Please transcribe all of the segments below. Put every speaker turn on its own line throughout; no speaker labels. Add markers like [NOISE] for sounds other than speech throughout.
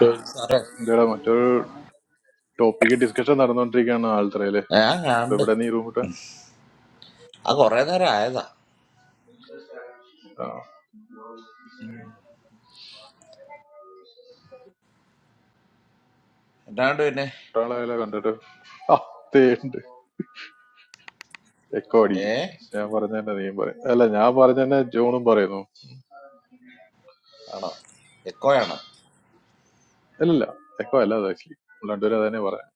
Yeah,
എന്താടാ മറ്റൊരു topic discussion നടന്നുകൊണ്ടിരിക്കുകയാണ് ആൾത്തറയില് ഇപ്പൊ
and
ഇവിടെ നീ റൂം കിട്ടാൻ
I go right there. I said, "Now do it, ne?
ഒരാളായാലോ കണ്ടിട്ട് ആ തേണ്ട് എക്കോ അടിക്കും
Eh?
ഞാൻ പറഞ്ഞ തന്നെ നീയും പറയും അല്ല ഞാൻ പറഞ്ഞ തന്നെ ജോണും പറയുന്നു
I know. It's good, I know.
അല്ലല്ല എക്കോ അല്ല അത് ആക്ച്വലി രണ്ടുപേരും അതന്നെ പറയാം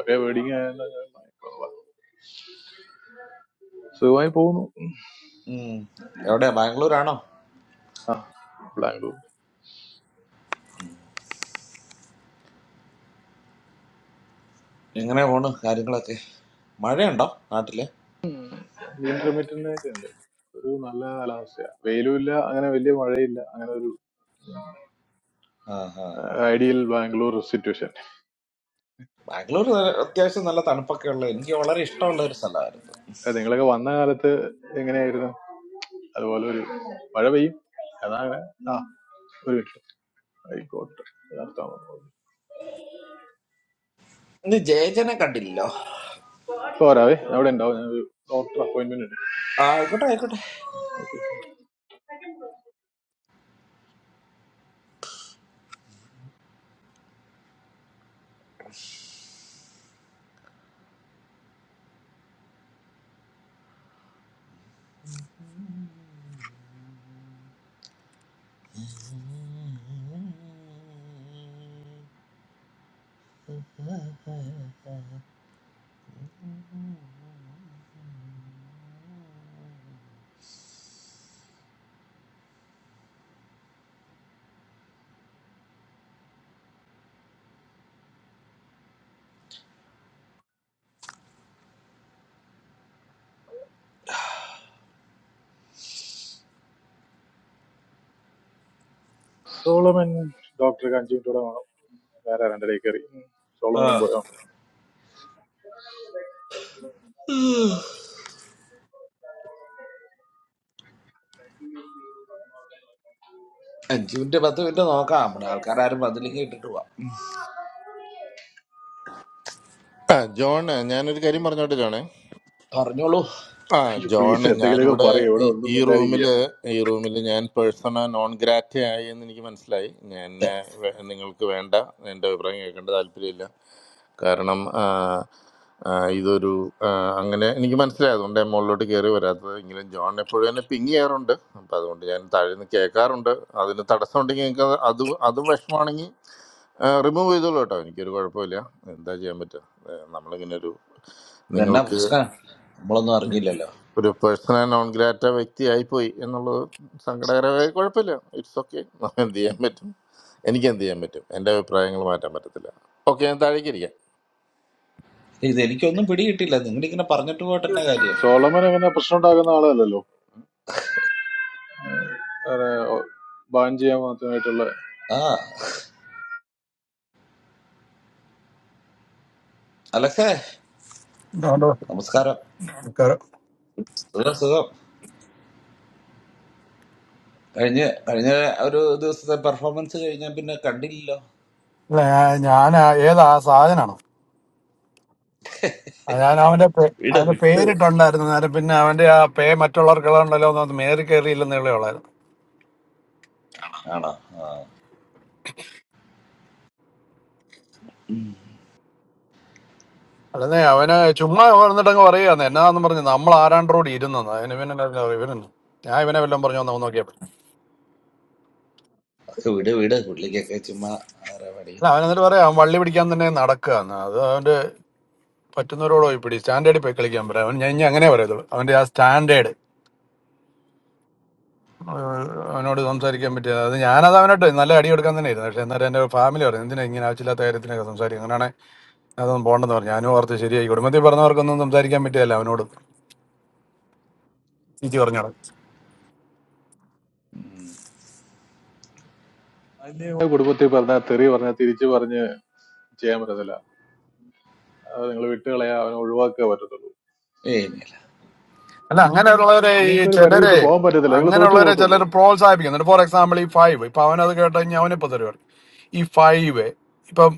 ഒരേ വേർഡിങ് ആയാലും സുഖമായി പോകുന്നു
Hmm. Everyday Bangalore, I know.
ആ blank
You know, no, I don't like it. Where is it? No, not there.
Intermediate ആയിട്ടുണ്ട് ഒരു നല്ല കാലാവസ്ഥയാണ് വെയിലും ഇല്ല അങ്ങനെ വലിയ മഴയില്ല അങ്ങനെ
Ha ha ha.
Ideal Bangalore situation
Bangalore is such a nice place. I like it. I like it. I like it.
ഏഹ് നിങ്ങളൊക്കെ വന്ന കാലത്ത് എങ്ങനെയായിരുന്നു അതുപോലെ ഒരു മഴ പെയ്യും അതാണ് ആ ഒരു മിനിറ്റ് ആയിക്കോട്ടെ
I like it. I like it. I like it. I like it. I
ഇപ്പൊ വരാവേ അവിടെ ഉണ്ടാവും ഞാൻ ഒരു ഡോക്ടർ അപ്പോയിന്റ്മെന്റ് ഉണ്ട്
like it.
സോളമൻ ഡോക്ടർ അഞ്ചു മിനിറ്റോടെ വേണം വേറെ ആരാ എൻ്റെ ഇടയിൽ കയറി
I
സോളമനും
like
പോയോ
it. Hello.
John, I am also a person who is
അയ്യോ
non-grad. I
പ്ലീസ് എന്തെങ്കിലുമൊക്കെ പറയും ഇവിടെ ഒന്നും
am not
മിണ്ടായിരിക്കുക
a person who is non-grad. I am a person who is non-grad. Remove it all. Okay, you guys are not going. That's the limit. We are not going. You guys, a personal grant. That's why I go. I'm not going. We are not going. It's okay. That's the limit. Any kind of limit. I have a prayer. We are not going. Okay, that's okay.
Solomon അങ്ങനെ പ്രശ്നം ഉണ്ടാക്കുന്ന ആളല്ലല്ലോ അങ്ങനെ ban ചെയ്യാൻ മാത്രമായിട്ടുള്ള
അതുകൊണ്ട് നമസ്കാരം. അല്ല, ഞാ- ഞാൻ ആ- ഏതാ ആ സാധനാണോ ആ, ഞാൻ അവന്റെ പേ- അവന്റെ പേരിട്ടുണ്ടായിരുന്നു നേരം പിന്നെ അവന്റെ ആ പേ മറ്റുള്ളവർക്ക് ഉണ്ടല്ലോ എന്ന് മേറി കയറിയില്ലെന്നേ ഉള്ളായിരുന്നു അല്ലെന്നേ അവന് ചുമ്മാ വന്നിട്ട് അങ്ങ് പറയുകയെന്ന് എന്നാന്ന് പറഞ്ഞു നമ്മൾ ആരാണ്ടോട് ഇരുന്നത് അതിന് പിന്നെ എന്നാ അറിയാം, ഇവനെന്ന് ഞാൻ ഇവനെ വല്ലതും പറഞ്ഞു ഒന്ന് നോക്കിയപ്പോ അല്ല അവൻ എന്നിട്ട് പറയാം അവൻ വള്ളി പിടിക്കാൻ തന്നെ നടക്കുക അത് അവന്റെ പറ്റുന്നവരോട് പോയി പിടി സ്റ്റാൻഡേർഡിൽ പോയി കളിക്കാൻ പറയാം അവൻ ഞാൻ ഇനി അങ്ങനെ പറയത്തുള്ളൂ അവന്റെ ആ സ്റ്റാൻഡേർഡ് ഏഹ് അവനോട് സംസാരിക്കാൻ പറ്റിയ അത് ഞാനത് അവനോട്ട് നല്ല അടി കൊടുക്കാൻ തന്നെ ആയിരുന്നു പക്ഷെ എന്നാലും എൻ്റെ ഫാമിലി പറഞ്ഞു എന്തിനാ ഇങ്ങനെ ആവശ്യമില്ലാത്ത കാര്യത്തിനൊക്കെ സംസാരിക്കും അങ്ങനെയാണ് അതൊന്നും പോകണ്ടെന്ന് പറഞ്ഞു ഞാനും ഓർത്ത് ശരിയായി കുടുംബത്തിൽ പറഞ്ഞവർക്കൊന്നും സംസാരിക്കാൻ പറ്റിയല്ല അവനോട് ചീച്ചി പറഞ്ഞോട്
കുടുംബത്തിൽ പറഞ്ഞ തെറി പറഞ്ഞ തിരിച്ചു പറഞ്ഞ് ചെയ്യാൻ പറ്റത്തില്ല അത് നിങ്ങൾ വിട്ടുകളയാ അവനെ ഒഴിവാക്കുക പറ്റത്തുള്ളൂ
അല്ല അങ്ങനെയുള്ളവരെ ഈ
നിങ്ങൾക്ക് ഒരു പരിധി
ചിലരെ
വിട്ട് പോകാൻ പറ്റത്തില്ല നിങ്ങൾ തോറ്റു
അങ്ങനെയുള്ളവരെ
പോകത്തുള്ളൂ
ചിലർ പ്രോത്സാഹിപ്പിക്കും എന്നിട്ട് ഫോർ എക്സാമ്പിൾ ഈ ഫൈവ് ഇപ്പൊ അവനത് കേട്ട് കഴിഞ്ഞാൽ അവനിപ്പോ തരുവാണ് ഈ ഫൈവ് ഇപ്പം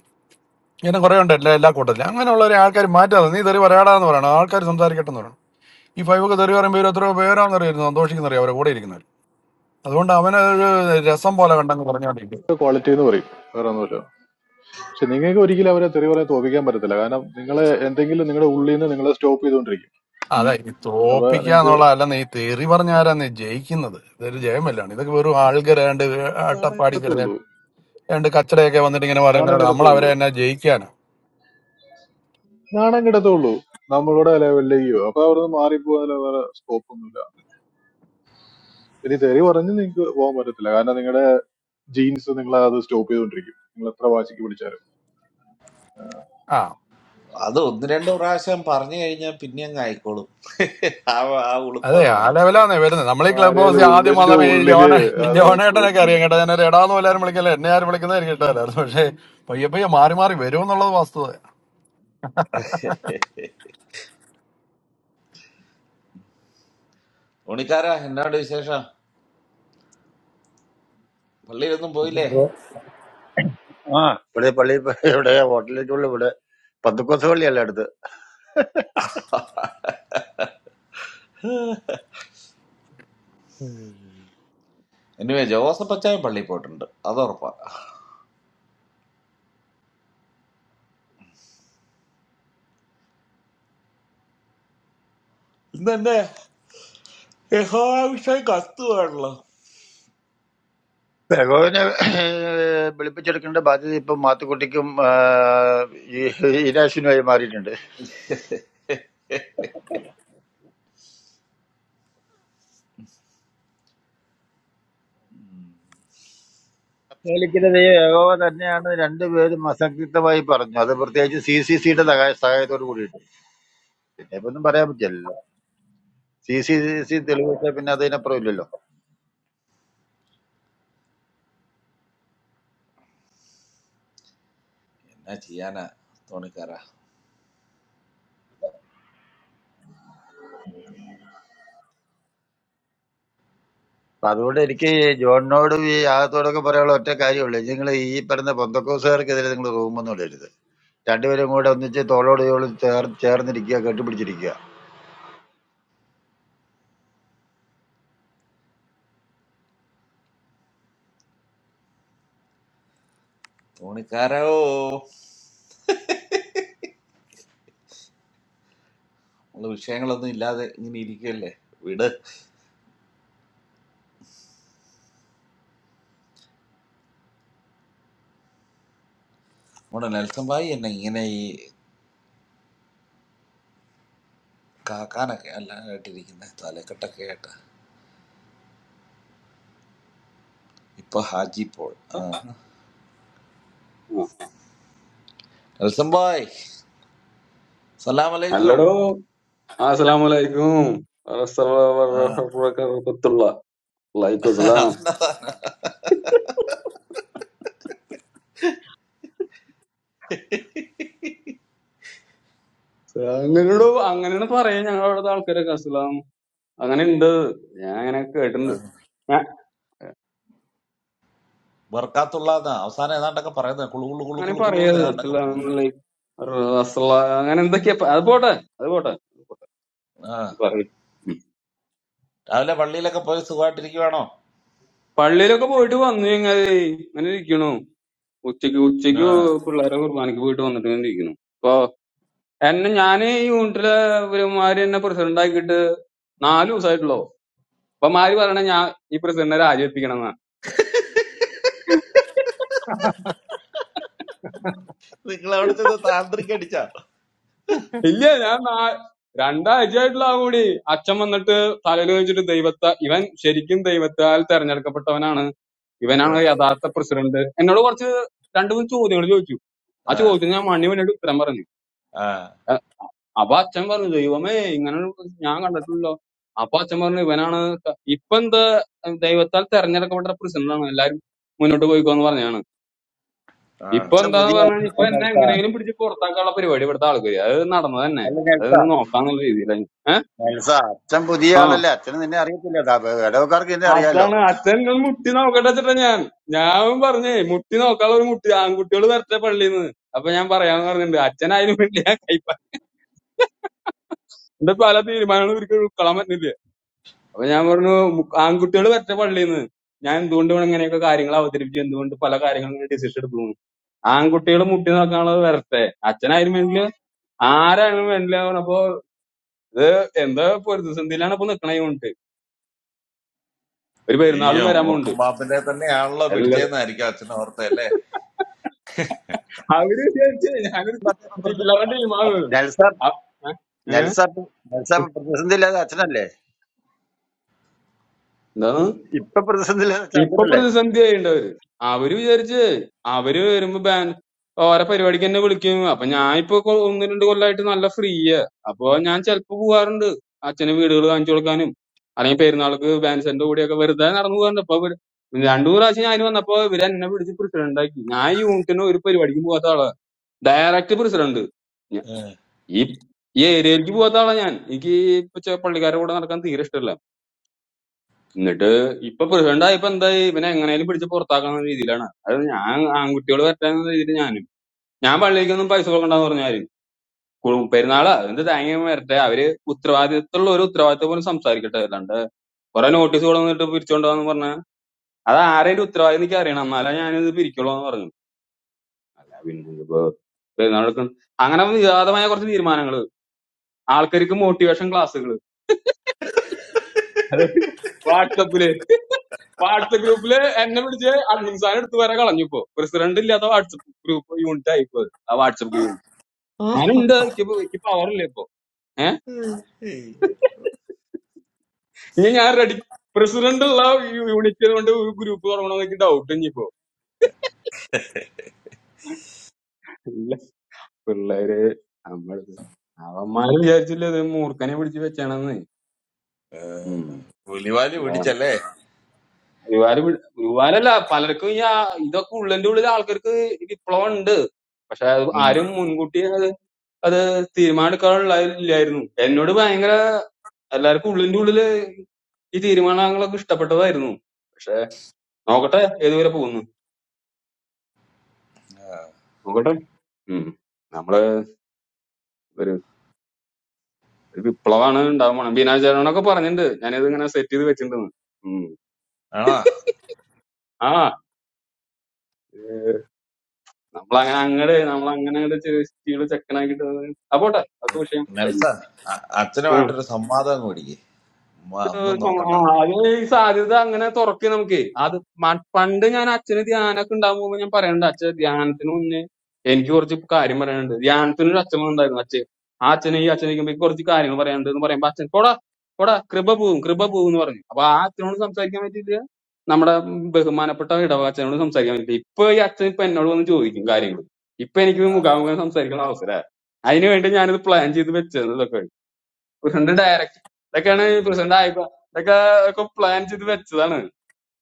ഇങ്ങനെ കുറെ ഉണ്ട് എല്ലാ എല്ലാ കൂട്ടത്തിലും അങ്ങനെയുള്ളവരെ ആൾക്കാർ മാറ്റാതെ നീ തെറി പറയാടാന്ന് പറയണം ആൾക്കാർ സംസാരിക്കട്ടെ എന്ന് പറയണം ഈ ഫൈവ് ഒക്കെ തെറി പറയുമ്പോൾ ഇവർ എത്രയോ പേരാണെന്നറിയായിരുന്നു സന്തോഷിക്കുന്നറിയാം അവരെ കൂടെ ഇരിക്കുന്നവര് അതുകൊണ്ട് അവനൊരു രസം പോലെ കണ്ടങ്ങ് പറഞ്ഞോണ്ടിരിക്കും
ക്വാളിറ്റി എന്ന് പറയും വേറെ ഒന്നുമില്ല പക്ഷെ നിങ്ങൾക്ക് ഒരിക്കലും അവരെ തെറി പറയാൻ തോപ്പിക്കാൻ പറ്റത്തില്ല കാരണം നിങ്ങൾ എന്തെങ്കിലും നിങ്ങളുടെ ഉള്ളിൽ നിന്ന് നിങ്ങളെ സ്റ്റോപ്പ് ചെയ്തുകൊണ്ടിരിക്കും
അതെ ഈ
അപ്പൊ നിങ്ങൾക്ക്
തോപ്പിക്കാന്നുള്ള അല്ലെന്ന് ഈ തെറി പറഞ്ഞാരാന്ന് ജയിക്കുന്നത് ഇതൊരു ജയമല്ലാണ് ഇതൊക്കെ വെറും ആൾക്കാർ രണ്ട് അട്ടപ്പാടി കിടന്ന് രണ്ട് കച്ചടയൊക്കെ വന്നിട്ട് ഇങ്ങനെ
നാണം
പറയുന്നത് നമ്മൾ
കിടത്തുള്ളൂ
അവരെ എന്നാ ജയിക്കാനാ
നാണം കിടത്തുള്ളൂ നമ്മളുടെ ലെവലിലേക്കോ അപ്പൊ അവിടെ നിന്ന് മാറിപ്പോകാൻ വേറെ സ്കോപ്പ് ഒന്നുമില്ല ഇനി തെറി പറഞ്ഞ് നിങ്ങൾക്ക് പോകാൻ പറ്റത്തില്ല കാരണം നിങ്ങളുടെ ജീൻസ് നിങ്ങളെ അത് സ്റ്റോപ്പ് ചെയ്തുകൊണ്ടിരിക്കും നിങ്ങൾ എത്ര വാശിക്ക് പിടിച്ചാലും
ആ അതെ ആ ലെവലാന്നേ വരുന്നത് നമ്മൾ ഈ ക്ലബ്
ആരേലും
ഹൗസ് ആദ്യം
ഉള്ളിന്റെ
വന്നപ്പോ ഈ
ഉള്ളില്
ജോണ ഈ
അത് സ്റ്റോപ്പ്
ജോണേട്ടനൊക്കെ
ചെയ്യും
അറിയാം കേട്ടോ ഞാൻ എടാന്ന് എല്ലാവരും വിളിക്കല്ലേ എന്നെ ആരും വിളിക്കുന്നത് എനിക്ക് ഇഷ്ടമല്ലായിരുന്നു പക്ഷേ പയ്യെ പയ്യെ മാറി മാറി വരും എന്നുള്ളത് വസ്തുത
ഉണിക്കാരാ എന്നാണ്ട് വിശേഷം പള്ളിയിലൊന്നും പോയില്ലേ
ആ ഇവിടെ പള്ളി ഇവിടെ ഹോട്ടലിലേക്കുള്ള ഇവിടെ പന്തുക്കോസ പള്ളിയല്ല അടുത്ത് ഉം.
എനിവേ ജോസഫ് അച്ചായൻ പള്ളിയിൽ പോയിട്ടുണ്ട് അത് ഉറപ്പാ ഇന്ന് എന്റെ യഹോവിഷയം കത്തുവാണല്ലോ
ബഹോവിനെ വെളുപ്പിച്ചെടുക്കേണ്ട ബാധ്യത ഇപ്പൊ മാത്തുക്കുട്ടിക്കും ആ, ഈ- ഈരാശിനുമായി മാറിയിട്ടുണ്ട് കത്തോലിക്കിന്റെ ദൈവം ഏകോവ തന്നെയാണ് രണ്ടുപേരും അസംതൃപ്തമായി പറഞ്ഞു അത് പ്രത്യേകിച്ച് സി സി സിയുടെ സഹായത്തോട് കൂടിയിട്ട് പിന്നെ ഇപ്പൊ ഒന്നും പറയാൻ പറ്റില്ലല്ലോ സി സി സി തെളിവ് വെച്ചാൽ പിന്നെ അതിനപ്പുറം ഇല്ലല്ലോ
എന്നാ ചെയ്യാനാ തോണിക്കാരാ
അപ്പൊ അതുകൊണ്ട് എനിക്ക് ജോണിനോട് ഈ ആകത്തോടൊക്കെ പറയാനുള്ള ഒറ്റ കാര്യമുള്ളൂ നിങ്ങൾ ഈ പറയുന്ന പൊന്തക്കോസുകാർക്കെതിരെ നിങ്ങൾ റൂമൊന്നും ഇടരുത് രണ്ടുപേരും കൂടെ ഒന്നിച്ച് തോളോട് തോളും ചേർ ചേർന്നിരിക്കുക കെട്ടിപ്പിടിച്ചിരിക്കുക
തോണിക്കാരോ നമ്മള് വിഷയങ്ങളൊന്നും ഇല്ലാതെ ഇങ്ങനെ ഇരിക്കുകയല്ലേ വിട് നമ്മുടെ നെൽസൺ ഭായി എന്നെ ഇങ്ങനെ ഈ കാക്കാനൊക്കെ അല്ലാണ്ടിരിക്കുന്ന തലക്കെട്ടൊക്കെ ആയിട്ട് ഇപ്പൊ ഹാജി പോൾ
ആ.
ആ. നെൽസൺ ഭായ് സലാം അലൈക്കും
അല്ലടോ അസ്സലാമലൈക്കും
ആ
വറഹ്മത്തുള്ള വലൈക്കും അസ്സലാം അങ്ങനെടോ അങ്ങനെയാണ് പറയാ ഞങ്ങളവിടുത്തെ ആൾക്കാരൊക്കെ അസ്സലാം അങ്ങനെ ഉണ്ട് ഞാൻ അങ്ങനെ
ആ.
കേട്ടിട്ടുണ്ട് ഞാൻ
ബർക്കാത്തുള്ളാന്ന അവസാനം ഏതാണ്ടൊക്കെ പറയുന്നത് കുളു കുളു കുളു
അങ്ങനെ
കുളു കുളു എന്ന്
പറയാത്
ഏതാണ്ടൊക്കെ
അസ്സലാം
പോകുന്നത്
വലൈക്കും അസ്സലാം അങ്ങനെ എന്തൊക്കെയാ പ- അത് പോട്ടെ അത് പോട്ടെ
ആ
പറയ്.
രാവിലെ പള്ളിയിലൊക്കെ പോയി സുഖമായിട്ടിരിക്കുവാണോ
പള്ളിയിലൊക്കെ പോയിട്ട് വന്നു കഴിഞ്ഞാൽ ഇങ്ങനെ ഇരിക്കണു ഉച്ചക്ക് ഉച്ചക്ക്
ആ
പിള്ളേരെ കുർബാനക്ക് പോയിട്ട് വന്നിട്ട് ഇങ്ങനെ ഇരിക്കണു അപ്പൊ എന്നെ ഞാൻ ഈ യൂണിറ്റിലെ ഇവരുമാര് എന്നെ പ്രസിഡന്റ് ആക്കിയിട്ട് നാല് ദിവസമായിട്ടുള്ളൂ അപ്പൊ മാര് പറയണ ഞാൻ ഈ പ്രസിഡന്റിനെ രാജിവെപ്പിക്കണം എന്നാണ്
നിങ്ങൾ അവിടെ ചെന്ന് താന്ത്രിക്ക് അടിച്ചാ
ഇല്ല ഞാൻ നാ- രണ്ടാഴ്ചയായിട്ടുള്ള ആ കൂടി അച്ഛൻ വന്നിട്ട് തലയിൽ വെച്ചിട്ട് ദൈവത്തെ ഇവൻ ശരിക്കും ദൈവത്താൽ തെരഞ്ഞെടുക്കപ്പെട്ടവനാണ്
ആ,
ഇവനാണ് യഥാർത്ഥ പ്രസിഡന്റ് എന്നോട് കുറച്ച് രണ്ടു മൂന്ന് ചോദ്യങ്ങൾ ചോദിച്ചു ആ
ആ,
ചോദ്യത്തിന് ഞാൻ മണ്ണി വേണ്ടിയിട്ട് ഉത്തരം പറഞ്ഞു
ആ,
അപ്പൊ അച്ഛൻ പറഞ്ഞു ദൈവമേ ഇങ്ങനെ ഞാൻ കണ്ടിട്ടില്ലല്ലോ അപ്പൊ അച്ഛൻ പറഞ്ഞു ഇവനാണ് ത- ഇപ്പൊ എന്താ ദൈവത്താൽ തെരഞ്ഞെടുക്കപ്പെട്ട പ്രസിഡന്റാണ് എല്ലാരും മുന്നോട്ട് പോയിക്കോന്ന് പറഞ്ഞു
ആ.
ഇപ്പൊ
അച്ഛൻ
എന്താന്ന്
പുതിയ
പറഞ്ഞാൽ ഇപ്പൊ എന്നെ എങ്ങനെയെങ്കിലും പിടിച്ച് പുറത്താക്കാനുള്ള പരിപാടി ഇവിടുത്തെ ആൾക്കാര് അത് നടന്നത് തന്നെ
അല്ല
അത്
നെൽസ
നോക്കാന്നുള്ള രീതിയിലാണ് ഏഹ്
നെൽസ അച്ഛൻ പുതിയ
ആ
ആളല്ല അച്ഛന് നിന്നെ അറിയത്തില്ല ദാ- ഇടവക്കാർക്ക് നിന്നെ അറിയാലോ
അതാണ് അച്ഛൻ ഒന്ന് മുട്ടി നോക്കട്ടെ വെച്ചിട്ടാ ഞാൻ ഞാൻ പറഞ്ഞേ മുട്ടി നോക്കാനുള്ള ഒരു മുട്ടി ആൺകുട്ടികൾ വരട്ടെ പള്ളിയിൽ നിന്ന് അപ്പൊ ഞാൻ പറയാന്ന് പറഞ്ഞിട്ടുണ്ട് അച്ഛൻ അതിന് വേണ്ടി ഞാൻ കൈപ്പ എന്റെ പല തീരുമാനങ്ങളും ഒരിക്കലും ഉൾക്കൊള്ളാൻ പറ്റുന്നില്ല അപ്പൊ ഞാൻ പറഞ്ഞു ആൺകുട്ടികൾ വരട്ടെ പള്ളിയിൽ നിന്ന് ഞാൻ എന്തുകൊണ്ട് ഇവിടെ ഇങ്ങനെയൊക്കെ കാര്യങ്ങൾ അവതരിപ്പിച്ചു എന്തുകൊണ്ട് പല കാര്യങ്ങളും ഇങ്ങനെ ഡിസിഷൻ എടുത്തു ആൺകുട്ടികൾ മുട്ടി നോക്കാനുള്ളത് വരട്ടെ അച്ഛനായാലും വേണ്ടില്ല ആരായാലും വേണ്ടില്ല അപ്പൊ ഇത് എന്താ പൊരുത്തസന്ധിയിലാണ് ഇപ്പൊ നിക്കണ യൂണിറ്റ് ഒരു
അയ്യോ
പെരുന്നാളും വരാൻ പോകുന്നുണ്ട്
മൂർക്കം പാപ്പിന്റെ തന്നെയാണല്ലോ
എല്ലാവരും
പിടിച്ചേന്നായിരിക്കും അച്ഛനെ ഓർത്തല്ലേ
അവര് വിചാരിച്ചേ ഞാനൊരു ചില്ലറ ടീമാവ്
നെൽസ നെൽസ നെൽസ പ്രതിസന്ധി ഇല്ലാതെ അച്ഛനല്ലേ
എന്താ
ഇപ്പൊ പ്രതിസന്ധി ഇല്ലാതെ അച്ഛൻ
ഇപ്പൊ
അച്ഛനല്ലേ
പ്രതിസന്ധി ആയിണ്ട് അവര് അവര് വിചാരിച്ച് അവര് വരുമ്പോ ബാൻ ഓരോ പരിപാടിക്ക് എന്നെ വിളിക്കും അപ്പൊ ഞാൻ ഇപ്പൊ കൊ- ഒന്ന് രണ്ട് കൊല്ലായിട്ട് നല്ല ഫ്രീയാ അപ്പൊ ഞാൻ ചെലപ്പോ പോവാറുണ്ട് അച്ഛന് വീടുകൾ കാണിച്ചു കൊടുക്കാനും അല്ലെങ്കിൽ പെരുന്നാൾക്ക് ബാൻസിന്റെ കൂടെയൊക്കെ വെറുതെ നടന്നു പോകാറുണ്ട് അപ്പൊ ഇവര് രണ്ടു മൂന്ന് പ്രാവശ്യം ഞാൻ വന്നപ്പോ ഇവര് എന്നെ പിടിച്ച് പ്രസിഡന്റ് ആക്കി ഞാൻ ഈ യൂണിറ്റിന് ഒരു പരിപാടിക്കും പോകാത്ത ആളാ ഡയറക്റ്റ് പ്രസിഡന്റ് ഞ-
ആ.
ഈ ഈ ഏരിയയിലേക്ക് പോകാത്ത ആളാ ഞാൻ എനിക്ക് ഇപ്പൊ ചെ- പള്ളിക്കാരുടെ കൂടെ നടക്കാൻ തീരെ ഇഷ്ടമല്ല എന്നിട്ട് ഇപ്പൊ പ്രസിഡന്റ് ആയപ്പോ എന്തായി ഇവനെ എങ്ങനെയും പിടിച്ച് പുറത്താക്കുന്ന രീതിയിലാണ് അത് ഞാൻ ആൺകുട്ടികൾ വരട്ടെ എന്ന രീതിയിൽ ഞാനും ഞാൻ പള്ളിക്കൊന്നും പൈസ കൊടുക്കണ്ടെന്ന് പറഞ്ഞാൽ പെരുന്നാളാ എന്ത് തേങ്ങയും വരട്ടെ അവര് ഉത്തരവാദിത്തമുള്ള ഒരു ഉത്തരവാദിത്തം പോലും സംസാരിക്കട്ടെ അല്ലാണ്ട് കുറെ നോട്ടീസ് കൊടുത്തിട്ട് പിരിച്ചോണ്ടാന്ന് പറഞ്ഞാൽ അത് ആരെയും ഉത്തരവാദിത്തം എനിക്ക് അറിയണം എന്നാലേ ഞാനിത് പിരിക്കുള്ളൂ എന്ന് പറഞ്ഞു അല്ല പിന്നെ ഇതിപ്പോ പെരുന്നാളൊക്കെ അങ്ങനെ വിവാദമായ കുറച്ച് തീരുമാനങ്ങൾ ആൾക്കാർക്ക് മോട്ടിവേഷൻ ക്ലാസ്സുകൾ അതായത് വാട്സപ്പില് വാട്സപ്പ് ഗ്രൂപ്പില് എന്നെ വിളിച്ച് അഡ്മിൻസാൻ എടുത്ത് വരെ കളഞ്ഞു ഇപ്പൊ പ്രസിഡന്റ് ഇല്ലാത്ത വാട്സപ്പ് ഗ്രൂപ്പ് യൂണിറ്റ് ആയിപ്പോ ആ വാട്സപ്പ് ഗ്രൂപ്പ് ഞാനുണ്ട് എനിക്ക് ഇപ്പൊ- എനിക്ക് പവർ ഇല്ല ഇപ്പൊ ഏഹ്
അയ്യോ.
ഇനി ഞാൻ റെഡി പ്രസിഡന്റ് ഉള്ള യൂണിറ്റ് കൊണ്ട് ഒരു ഗ്രൂപ്പ് തുടങ്ങണം എനിക്ക് ഡൗട്ട് ഇനിയിപ്പോ ഇല്ല പിള്ളേര് നമ്മള് അവന്മാര് വിചാരിച്ചില്ല ഇത് മൂർഖനെ പിടിച്ച്
ആ.
വെച്ചാണെന്ന്
പുലിവാലി പിടിച്ചല്ലേ
ഗുരുവായൂർ വി- ഗുരുവായൂരല്ല പലർക്കും ഈ ആ- ഇതൊക്കെ ഉള്ളിന്റെ ഉള്ളിൽ ആൾക്കാർക്ക് വിപ്ലവം ഉണ്ട് പക്ഷെ അത്
ഉം.
ആരും മുൻകൂട്ടി അത് തീരുമാനമെടുക്കാനുള്ള ഇല്ലായിരുന്നു എന്നോട് ഭയങ്കര എല്ലാവർക്കും ഉള്ളിന്റെ ഉള്ളില് ഈ തീരുമാനങ്ങളൊക്കെ ഇഷ്ടപ്പെട്ടതായിരുന്നു പക്ഷെ നോക്കട്ടെ ഏതുവരെ പോകുന്നു നോക്കട്ടെ ഉം നമ്മള് ഒരു ഒരു വിപ്ലവമാണ് ഉണ്ടാവാൻ പോണം ബീനാചാരണൊക്കെ പറഞ്ഞിട്ടുണ്ട് ഞാനിത് ഇങ്ങനെ സെറ്റ് ചെയ്ത് വെച്ചിട്ടുണ്ടെന്ന് ഉം
ആണോ
ആ നമ്മളങ്ങനെ അങ്ങട് നമ്മളങ്ങനെ അങ്ങട് ചെ- ചെയ്ത് ചെക്കനാക്കിട്ട് അത് ആ പോട്ടെ അതൊക്കെ വിഷയം കഴിഞ്ഞു
നെൽസൺ അ- അച്ഛനുമായിട്ടൊരു സംവാദം അങ്ങ് പിടിക്ക് ഉമ്മ
ഒരു
ഒന്നും
സ- ആ,
നോക്കണ്ട
അത് ഈ സാധ്യത അങ്ങനെ തുറക്ക് നമുക്ക് അത് മ- പണ്ട് ഞാൻ അച്ഛന് ധ്യാനമൊക്കെ ഉണ്ടാകുമ്പോ ഞാൻ പറയണ്ട അച്ഛൻ ധ്യാനത്തിന് മുന്നേ എനിക്ക് കുറച്ച് കാര്യം പറയാനുണ്ട് ധ്യാനത്തിന് ഒരു അച്ഛൻ ഉണ്ടായിരുന്നു അച്ഛൻ ആ അച്ഛനെ ഈ അച്ഛനെ ഇരിക്കുമ്പോ എനിക്ക് കുറച്ച് കാര്യങ്ങൾ പറയാനുണ്ട് എന്ന് പറയുമ്പോ അച്ഛൻ പോടാ പോടാ കൃപ പോവും കൃപ പോവും എന്ന് പറഞ്ഞു അപ്പൊ ആ അച്ഛനോട് സംസാരിക്കാൻ പറ്റിയില്ല നമ്മുടെ ബഹുമാനപ്പെട്ട ഇടവ അച്ഛനോട് സംസാരിക്കാൻ പറ്റില്ല ഇപ്പൊ ഈ അച്ഛൻ ഇപ്പൊ എന്നോട് വന്ന് ചോദിക്കും കാര്യങ്ങൾ ഇപ്പൊ എനിക്ക്
ആ
മുഖാമുഖം സംസാരിക്കുന്ന അവസരം അതിനു വേണ്ടി ഞാനിത് പ്ലാൻ ചെയ്ത് വെച്ചത് ഇതൊക്കെ പ്രസിഡന്റ് ഡയറക്റ്റ് ഇതൊക്കെയാണ് പ്രസിഡന്റ് ആയിപ്പോ ഇതൊക്കെ ഒക്കെ പ്ലാൻ ചെയ്ത് വെച്ചതാണ്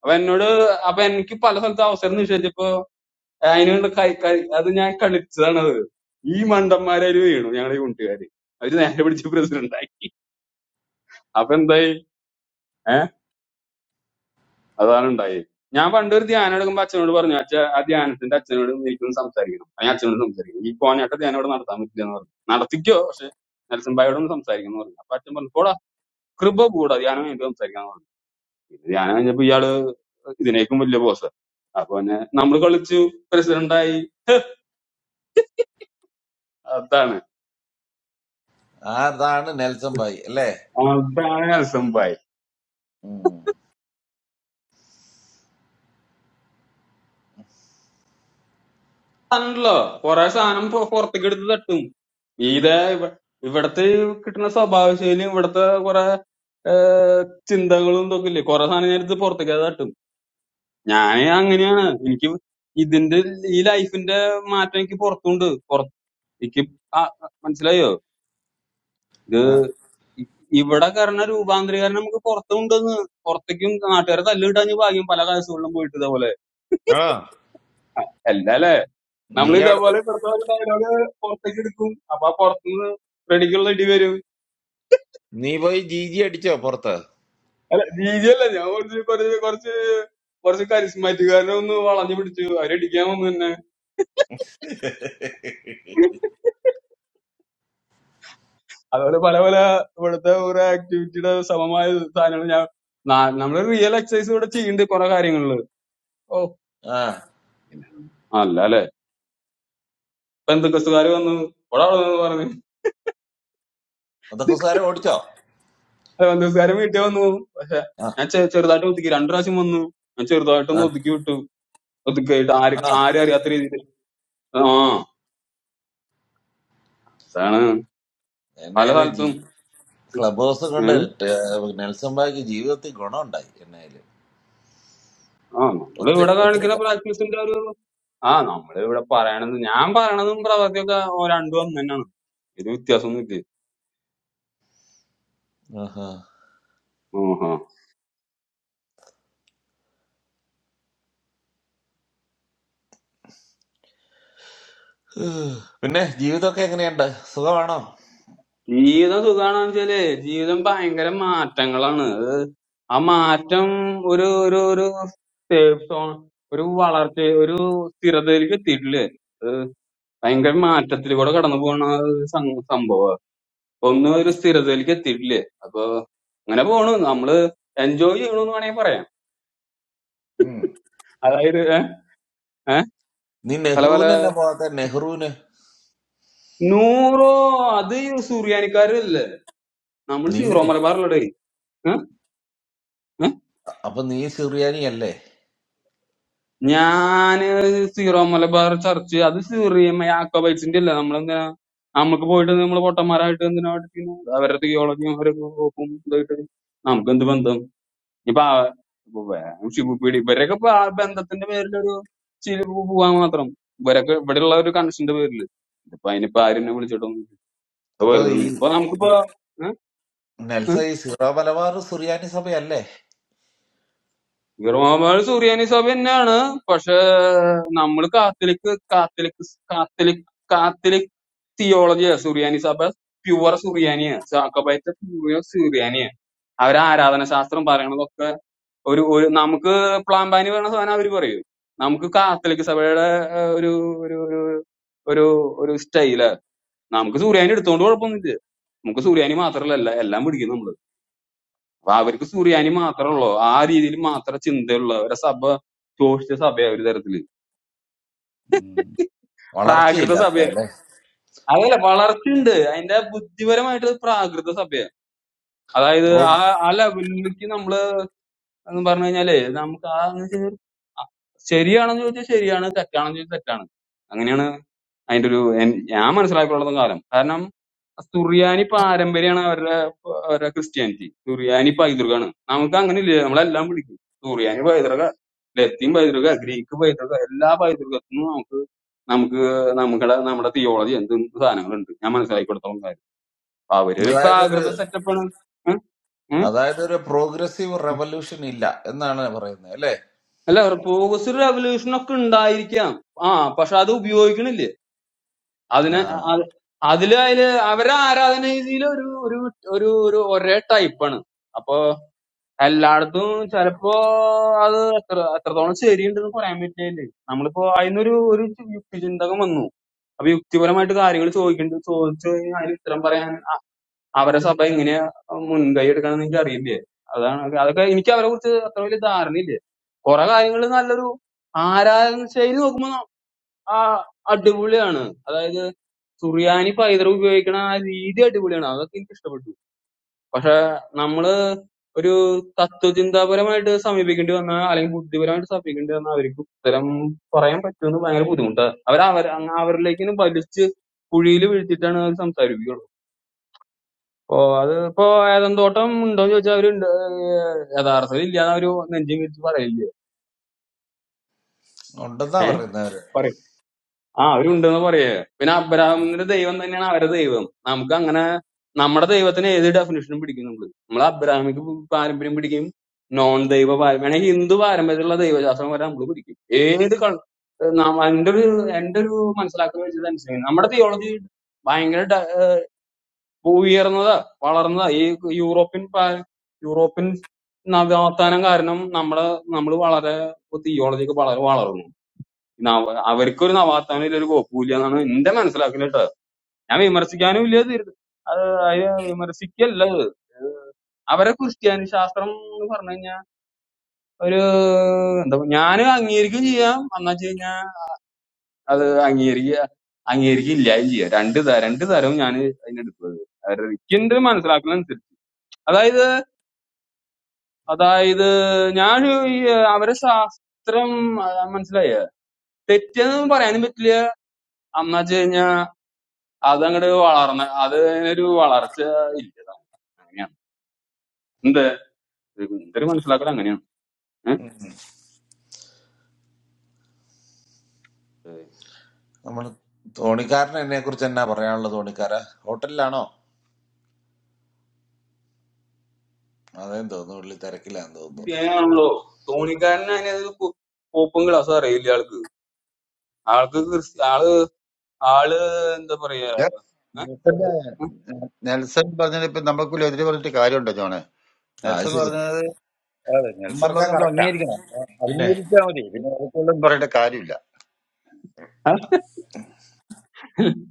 അപ്പൊ എന്നോട് അപ്പൊ എനിക്ക് പല സ്ഥലത്ത് അവസരം നിഷേധിച്ചപ്പോ അതിനുള്ള കൈ കൈ അത് ഞാൻ കളിച്ചതാണ് അത് ഈ മണ്ടന്മാരൊരു വീണു ഞങ്ങളുടെ യൂണിറ്റുകാര് അവര് നേരെ പിടിച്ച് പ്രസിഡന്റ് ആക്കി അപ്പൊ എന്തായി ഏഹ് അതാണ് ഉണ്ടായി ഞാൻ പണ്ടൊരു ധ്യാനം എടുക്കുമ്പോ അച്ഛനോട് പറഞ്ഞു അച്ഛ ആ ധ്യാനത്തിന്റെ അച്ഛനോട് എനിക്കൊന്ന് സംസാരിക്കണം ഞാൻ അച്ഛനോട് സംസാരിക്കണം ഈ കോഞ്ഞാട്ട ധ്യാനം ഇവിടെ നടത്താൻ പറ്റില്ല എന്ന് പറഞ്ഞു നടത്തിക്കോ പക്ഷെ നെൽസൺ ഭായോടൊന്ന് സംസാരിക്കണം എന്ന് പറഞ്ഞു അപ്പൊ അച്ഛൻ പറഞ്ഞു പോടാ കൃപ കൂടാ ധ്യാനം കഴിഞ്ഞിട്ട് സംസാരിക്കാം പിന്നെ ധ്യാനം കഴിഞ്ഞപ്പോ ഇയാള് ഇതിനേക്കും വലിയ ബോസ് അപ്പൊ പിന്നെ നമ്മൾ കളിച്ചു പ്രസിഡന്റായി അതാണ്
ആ, അതാണ് നെൽസൺ ഭായി അല്ലേ
അതാണ് അൽസംബായി
ഉം.
ആണല്ലോ കൊറേ സാധനം പൊ- പുറത്തേക്ക് എടുത്ത് തട്ടും ഇതേ ഇവ- ഇവിടത്തെ ഈ കിട്ടുന്ന സ്വഭാവ ശൈലിയും ഇവിടത്തെ കുറെ ഏഹ് ചിന്തകളും ഇതൊക്കെ ഇല്ലേ കുറെ സാധനം ഞാൻ എടുത്ത് പുറത്തേക്ക് അത് തട്ടും ഞാൻ അങ്ങനെയാണ് എനിക്ക് ഇതിന്റെ ഈ ലൈഫിന്റെ മാറ്റം എനിക്ക് പുറത്തുണ്ട് പുറത്ത് എനിക്ക് ആ- മനസ്സിലായോ
ആ.
ഇ- ഇവിടെ കാരണം രൂപാന്തരീകരണം നമുക്ക് പുറത്തുണ്ടെന്ന് പുറത്തേക്കും നാട്ടുകാരെ തല്ലിട്ടാഞ്ഞ് ഭാഗ്യം പല കേസുകളിലും പോയിട്ട് ഇതേപോലെ
ആണോ
അല്ലല്ലേ
നീ
നമ്മൾ
അവിടെ
ഇതേപോലെ
പോ-
ഇവിടുത്തെ ഡയലോഗ് പുറത്തേക്ക് എടുക്കും അപ്പൊ ആ പുറത്തുനിന്ന് റെഡിക്കുള്ള ഇടി വരും
നീ പോയി ജി ജി അടിച്ചോ പുറത്ത്
അല്ല രീതി അല്ല ഞാൻ കുറച്ച് കുറച്ച് കുറച്ച് കുറച്ച് കരിസ്മാറ്റിക്കാരനെ ഒന്ന് വളഞ്ഞു പിടിച്ചു അവരടിക്കാൻ വന്നു തന്നെ അതുപോലെ പല പല ഇവിടുത്തെ ഓരോ ആക്ടിവിറ്റിയുടെ സമമായ സാധനങ്ങൾ ഞാൻ നമ്മൾ റിയൽ എക്സസൈസ് ഇവിടെ ചെയ്യണ്ട് കുറെ കാര്യങ്ങളില് ഓ
ആ
പിന്നെ അല്ല അല്ലെ ഇപ്പൊ എന്തൊക്കെസ്റ്റുകാര് വന്നു ഒരാളെന്ന് പറഞ്ഞു
അതൊക്കെ സാരം ഓടിച്ചോ
ബന്ധുസ്കാരം വീട്ടിൽ വന്നു പോകും പക്ഷെ
ആ
ഞാൻ ചെ- ചെറുതായിട്ട് ഒതുക്കി രണ്ടു പ്രാവശ്യം വന്നു ഞാൻ
ആ
ചെറുതായിട്ടൊന്ന് ഒതുക്കി വിട്ടു ഒതുക്കിയിട്ട് ആര്
ആ
ആരും അറിയാത്ത രീതിയിൽ ആ അതാണ് പല
എന്നാലും ജീ
സ്ഥലത്തും
ക്ലബ് ഹൗസ് കൊണ്ട്
ഏഹ്
ടെ- നെൽസൺ ബായിക്ക് ജീവിതത്തിൽ ഗുണമുണ്ടായി എന്നായാലും
ആ
ഒത്തിരി
നമ്മളിവിടെ
ഒത്തിരി
കാണിക്കുന്ന
ക-
പ്രാക്ടീസിന്റെ ഒരു ആ നമ്മളിവിടെ പറയണത് ഞാൻ പറയണതും പ്രവർത്തിയൊക്കെ ഓ രണ്ടും ഒന്ന് തന്നെയാണ് ഒരു വ്യത്യാസമൊന്നും ഇല്ല
ആഹാ.
ഓഹോ
പിന്നെ ജീവിതമൊക്കെ എങ്ങനെയുണ്ട് സുഖമാണോ
ജീവിതം സുഖാണെന്ന് വെച്ചാല് ജീവിതം ഭയങ്കര മാറ്റങ്ങളാണ് അത് ആ മാറ്റം ഒരു ഒരു ഒരു സേഫ് സോൺ ഒരു വളർച്ച ഒരു സ്ഥിരതയിലേക്ക് എത്തിയിട്ടില്ലേ ഭയങ്കര മാറ്റത്തിലൂടെ കടന്നു പോണ ഒരു സം- സംഭവം അപ്പൊ ഒന്നും ഒരു സ്ഥിരതയിലേക്ക് എത്തിയിട്ടില്ലേ അപ്പൊ അങ്ങനെ പോണു നമ്മള് എൻജോയ് ചെയ്യണമെന്ന് വേണമെങ്കിൽ പറയാം
ഉം.
അതായത് ഏഹ് ഏഹ്
നീ
പല പല
നെഹ്റുവിന് എന്നാ പോകാത്ത നെഹ്റുവിന്
നൂറോ അത് ഈ സൂര്യാനിക്കാരല്ലേ നമ്മൾ
നീ
സീറോ
പിന്നെ-
മലബാറിലടേ
അപ്പൊ നീ സിറിയാനി അല്ലേ
ഞാന് സീറോ മലബാർ ചർച്ച് അത് സീറിയമ്മ യാക്കോബൈറ്റ്സിന്റെ അല്ല നമ്മളെന്തിനാ നമുക്ക് പോയിട്ട് നമ്മള് പൊട്ടന്മാരായിട്ട് എന്തിനാ പഠിക്കുന്നത് അവരുടെ തിയോളജിയും അവരൊക്കെ നോക്കും ഇതായിട്ട് നമുക്ക് എന്ത് ബന്ധം ഇപ്പൊ ആ- ഇപ്പൊ വേ- ഷിബു പീഡി ഇവരൊക്കെ ഇപ്പൊ ആ ബന്ധത്തിന്റെ പേരിലൊരു ചിരി പോവാൻ മാത്രം ഇവരൊക്കെ ഇവിടെയുള്ള ഒരു കണക്ഷന്റെ പേരിൽ ഇതിപ്പോ അതിനിപ്പോ ആരും എന്നെ വിളിച്ചിട്ടൊന്നും ഇല്ല. ഇപ്പൊ
അപ്പൊ
വെറുതെ
ഈ
ഒന്നും. ഇപ്പൊ നമുക്കിപ്പോ ഏഹ്?
നെൽസ
ഏഹ്?
ഈ സിറോ മലബാർ സുറിയാനി സഭയല്ലേ
റോമാൾ സുറിയാനി സഭ തന്നെയാണ് പക്ഷെ നമ്മൾ കാത്തലിക് കാത്തലിക് കാത്തലിക് കാത്തലിക് തിയോളജിയാ സുറിയാനി സഭ പ്യുവർ സുറിയാനിയാ സാക്കബൈറ്റ പ്യുവർ സുറിയാനിയാ അവരെ ആരാധന ശാസ്ത്രം ഒരു ഒരു നമുക്ക് പ്ലാമ്പാനി പറഞ്ഞ സാധനം അവര് പറയും നമുക്ക് കാത്തലിക് സഭയുടെ ആ, ഒരു ഒരു ഒരു ഒരു ഒരു സ്റ്റൈല് നമുക്ക് സൂര്യാനി എടുത്തോണ്ട് കുഴപ്പമൊന്നുമില്ല നമുക്ക് സൂര്യാനി മാത്രല്ല എല്ലാ- എല്ലാം പിടിക്കും നമ്മള് അപ്പൊ അവർക്ക് സൂര്യാനി മാത്രമുള്ളൂ ആ രീതിയിൽ മാത്രം ചിന്തയുള്ള ഒരു സഭ ശോഷിച്ച സഭയാ ഒരു തരത്തില് പ്രാകൃത
വളർച്ചയില്ലാത്ത
സഭയ
അല്ലേ
അതല്ല വളർച്ചയുണ്ട് അതിന്റെ ബുദ്ധിപരമായിട്ട് പ്രാകൃത സഭയ അതായത്
പ്രോ
ആ ആ ലെവലിലേക്ക് നമ്മള് എന്ന് പറഞ്ഞു കഴിഞ്ഞാല് നമുക്ക് ആ ശരിയാണെന്ന് ചോദിച്ചാൽ ശരിയാണ് തെറ്റാണെന്ന് ചോദിച്ചാൽ തെറ്റാണ് അങ്ങനെയാണ് അതിന്റെ ഒരു എൻ- ഞാൻ മനസ്സിലാക്കിയുള്ളതും കാലം കാരണം സുറിയാനി പാരമ്പര്യമാണ് അവരുടെ അവരുടെ ക്രിസ്ത്യാനിറ്റി സുറിയാനി പൈതൃകമാണ് നമുക്ക് അങ്ങനെ ഇല്ല നമ്മളെല്ലാം വിളിക്കും സുറിയാനി പൈതൃക ലത്തീൻ പൈതൃക ഗ്രീക്ക് പൈതൃക എല്ലാ പൈതൃകത്തിനും നമുക്ക് നമുക്ക് നമ്മുടെ നമ്മുടെ തിയോളജി എന്ത് സാധനങ്ങളുണ്ട് ഞാൻ മനസ്സിലാക്കിയെടുത്തോളം കാര്യം അപ്പൊ അവരൊരു
അതായത് ഒരു
പ്രാകൃത സെറ്റപ്പാണ്
അതായത് ഒരു പ്രോഗ്രസീവ് റെവല്യൂഷൻ ഇല്ല എന്നാണ് പറയുന്നത് അല്ലേ
അല്ല പ്രോഗ്രസീവ് റെവല്യൂഷൻ ഒക്കെ ഉണ്ടായിരിക്കാം ആ പക്ഷെ അത് ഉപയോഗിക്കണില്ല അതിന്
Yeah,
അത് അതില് അതില് അവരെ ആരാധന രീതിയിൽ ഒരു ഒരു ഒരു ഒരു ഒരേ ടൈപ്പാണ് അപ്പൊ എല്ലായിടത്തും ചിലപ്പോ അത് എത്ര എത്രത്തോളം ശരിയുണ്ടെന്ന് പറയാൻ പറ്റില്ല നമ്മളിപ്പോ അതിനൊരു ഒരു യുക്തിചിന്തകം വന്നു അപ്പൊ യുക്തിപരമായിട്ട് കാര്യങ്ങൾ ചോദിക്കേണ്ടത് ചോദിച്ചു കഴിഞ്ഞാൽ അതിന് ഉത്തരം പറയാൻ അവരെ സഭ എങ്ങനെയാ മുൻകൈ എടുക്കണമെന്ന് എനിക്ക് അറിയില്ലേ അതാണ് അതൊക്കെ എനിക്ക് അവരെ കുറിച്ച് അത്ര വലിയ ധാരണയില്ലേ കുറെ കാര്യങ്ങൾ നല്ലൊരു ആരാധന ശൈലി നോക്കുമ്പോ ആ അടിപൊളിയാണ് അതായത് സുറിയാനി പൈതൃകം ഉപയോഗിക്കണ ആ രീതി അടിപൊളിയാണ് അതൊക്കെ എനിക്ക് ഇഷ്ടപ്പെട്ടു പക്ഷെ നമ്മള് ഒരു തത്വചിന്താപരമായിട്ട് സമീപിക്കേണ്ടി വന്ന അല്ലെങ്കിൽ ബുദ്ധിപരമായിട്ട് സമീപിക്കേണ്ടി വന്ന അവർക്ക് ഉത്തരം പറയാൻ പറ്റുമെന്ന് ഭയങ്കര ബുദ്ധിമുട്ടാണ് അവർ അവർ അവരിലേക്ക് വലിച്ച് കുഴിയിൽ വീഴ്ത്തിയിട്ടാണ് അവർ സംസാരിപ്പിക്കുള്ളൂ അപ്പോ അത് ഇപ്പോ ഏതെന്തോട്ടം ഉണ്ടോന്ന് ചോദിച്ചാൽ അവരുണ്ട് ഏഹ് യഥാർത്ഥത്തിൽ ഇല്ലാന്ന് അവര് നെഞ്ചും വിരിച്ച് പറയില്ലേ
on that time we were.
ഏഹ് ആ അവരുണ്ടെന്ന് പറയേ പിന്നെ അബ്രാഹമിന്റെ ദൈവം തന്നെയാണ് അവരുടെ ദൈവം നമുക്ക് അങ്ങനെ നമ്മുടെ ദൈവത്തിന് ഏത് ഡെഫിനേഷനും പിടിക്കും നമ്മള് നമ്മൾ അബ്രാഹമിക്ക് പാരമ്പര്യം പിടിക്കും നോൺ ദൈവ പാരമ്പര്യം ആണെങ്കിൽ ഹിന്ദു പാരമ്പര്യത്തിലുള്ള ദൈവശാസ്ത്രം വരെ നമ്മൾ പിടിക്കും ഏത് കൾ- നാം- എന്റെ ഒരു എന്റെ ഒരു മനസ്സിലാക്കൽ വെച്ചത് അനുസരിച്ച് നമ്മുടെ തിയോളജി ഭയങ്കര ഡ- ഉയർന്നതാ വളർന്നതാ ഈ യൂറോപ്യൻ പാ- യൂറോപ്യൻ നവോത്ഥാനം കാരണം നമ്മുടെ നമ്മൾ വളരെ തിയോളജി ഒക്കെ വളരെ വളർന്നു നവ അവർക്കൊരു നവാത്താനും ഒരു കോപ്പുമില്ല എന്നാണ് എന്റെ മനസ്സിലാക്കൽ കേട്ടോ ഞാൻ വിമർശിക്കാനും ഇല്ല ഇത് അത് അതിനെ വിമർശിക്കല്ല ഇത് അവരെ ക്രിസ്ത്യാനി ശാസ്ത്രം എന്ന് പറഞ്ഞു കഴിഞ്ഞാൽ ഒരു എന്താ ഞാൻ അംഗീകരിക്കുകയും ചെയ്യാം എന്നാ വെച്ച് കഴിഞ്ഞാൽ അത് അംഗീകരിക്കുക അംഗീകരിക്കുകയും ഇല്ലായും ചെയ്യാം രണ്ട് ത- രണ്ട് തരവും ഞാൻ അതിനെടുത്തത് എനിക്കെന്റെ മനസ്സിലാക്കലനുസരിച്ച് അതായത് അതായത് ഞാൻ ഈ അവരെ ശാസ്ത്രം ആ, മനസ്സിലായ തെറ്റെന്ന് പറയാനും പറ്റില്ല എന്നാ വെച്ച് കഴിഞ്ഞാ അതങ്ങട് വളർന്ന അത് ഒരു വളർച്ച ഇല്ല അങ്ങനെയാണ് എന്ത് എന്റെ ഒരു മനസ്സിലാക്കൽ അങ്ങനെയാണ്
I mean, to Nikarne, how much is it? Nikarne hotel, no. That is to Nikarne.
ക്രിസ്ത്യാനിയാണല്ലോ ധോണിക്കാരന് അതിനൊരു കു- കോപ്പും ക്ലാസ്സും അറിയില്ല ആൾക്ക് ആൾക്ക് ക്രിസ്ത്യ ആള് ആള് എന്താ പറയാ
ഇല്ല. നെൽസന്റെ
ഏ?
നെൽസൺ പറഞ്ഞത് ഇപ്പൊ നമുക്കൊരു എതിര് പറഞ്ഞിട്ട് കാര്യമുണ്ടോ ജോണ്
Ah,
നെൽസൺ
yes.
പറഞ്ഞത് അതെ നെൽസൺ
Where did
പറഞ്ഞ നമ്മൾ
you go?
അംഗീകരിക്കണം
Where?
അംഗീകരിച്ചാൽ മതി പിന്നെ അവർക്കൊന്നും പറയേണ്ട കാര്യമില്ല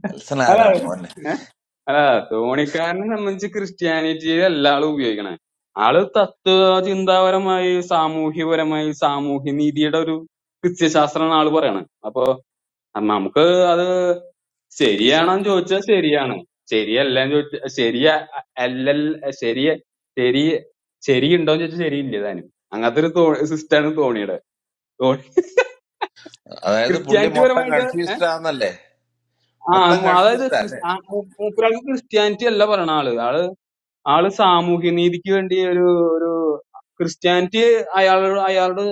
El
അല്ല
Salvador, man.
ഏ? അല്ല ധോണിക്കാരനെ സംബന്ധിച്ച് ക്രിസ്ത്യാനിറ്റിയെ അല്ല ആള് ഉപയോഗിക്കണേ ആള് തത്വ ചിന്താപരമായി സാമൂഹ്യപരമായി സാമൂഹ്യ നീതിയുടെ ഒരു ക്രിസ്ത്യശാസ്ത്രമാണ് ആള് പറയണേ അപ്പൊ അ- നമുക്ക് അത് ശരിയാണോന്ന് ചോദിച്ചാൽ ശരിയാണ് ശരിയല്ല എന്ന് ചോദിച്ചാൽ ശരിയ അല്ല ശരിയ ശരി ശരിയുണ്ടോന്ന് ചോദിച്ചാൽ ശരിയില്ല താനും അങ്ങനത്തെ ഒരു സിസ്റ്റാണ് ധോണിയുടെ Dhoni [LAUGHS]
That is to put the
Christianity
month
പരമായിട്ട്
and three
eh?
star, not the
ആ
month
മ-
and three
അതായത്
star.
ക്രിസ്- ആ മൂ- മൂപ്പരാൾക്ക് ക്രിസ്ത്യാനിറ്റി അല്ല പറയണ ആള് ആള് ആള് സാമൂഹ്യ നീതിക്ക് വേണ്ടി ഒരു ഒരു ക്രിസ്ത്യാനിറ്റി അയാളോട് അയാളോട്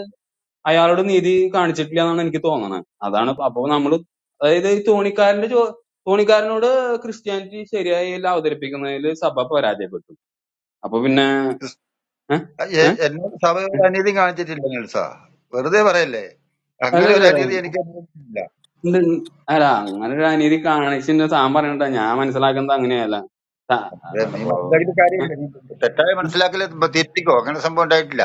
അയാളോട് നീതി കാണിച്ചിട്ടില്ല എന്നാണ് എനിക്ക് തോന്നണത് അതാണ് അപ്പൊ നമ്മൾ അതായത് ഈ തോണിക്കാരന്റെ ചോ തോണിക്കാരനോട് ക്രിസ്ത്യാനിറ്റി ശരിയായി അല്ല അവതരിപ്പിക്കുന്നതിൽ സഭ പരാജയപ്പെട്ടു അപ്പൊ പിന്നെ
ക്രിസ്-
ഏ? ഏ?
എ- എന്നോട് സഭ ഒരു അനീതി കാണിച്ചിട്ടില്ല നെൽസ വെറുതെ പറയല്ലേ അങ്ങനെ
അല്ലല്ല
ഒരു അനീതി എനിക്ക് അനുഭവിച്ചിട്ടില്ല
ഇത് അല്ല അങ്ങനെ ഒരു അനീതി കാണിച്ചിട്ട് താൻ പറഞ്ഞിട്ടാ ഞാൻ മനസ്സിലാക്കുന്നത് അങ്ങനെയല്ല ത-
അത് നീ
അല്ലാണ്ടപ്പോ
മനസ്സിലാക്കിയിട്ട്
ഏ?
കാര്യമില്ല നീ തെറ്റായ
ഉം.
മനസ്സിലാക്കൽ തിരുത്തിക്കോ അങ്ങനെ സംഭവം ഉണ്ടായിട്ടില്ല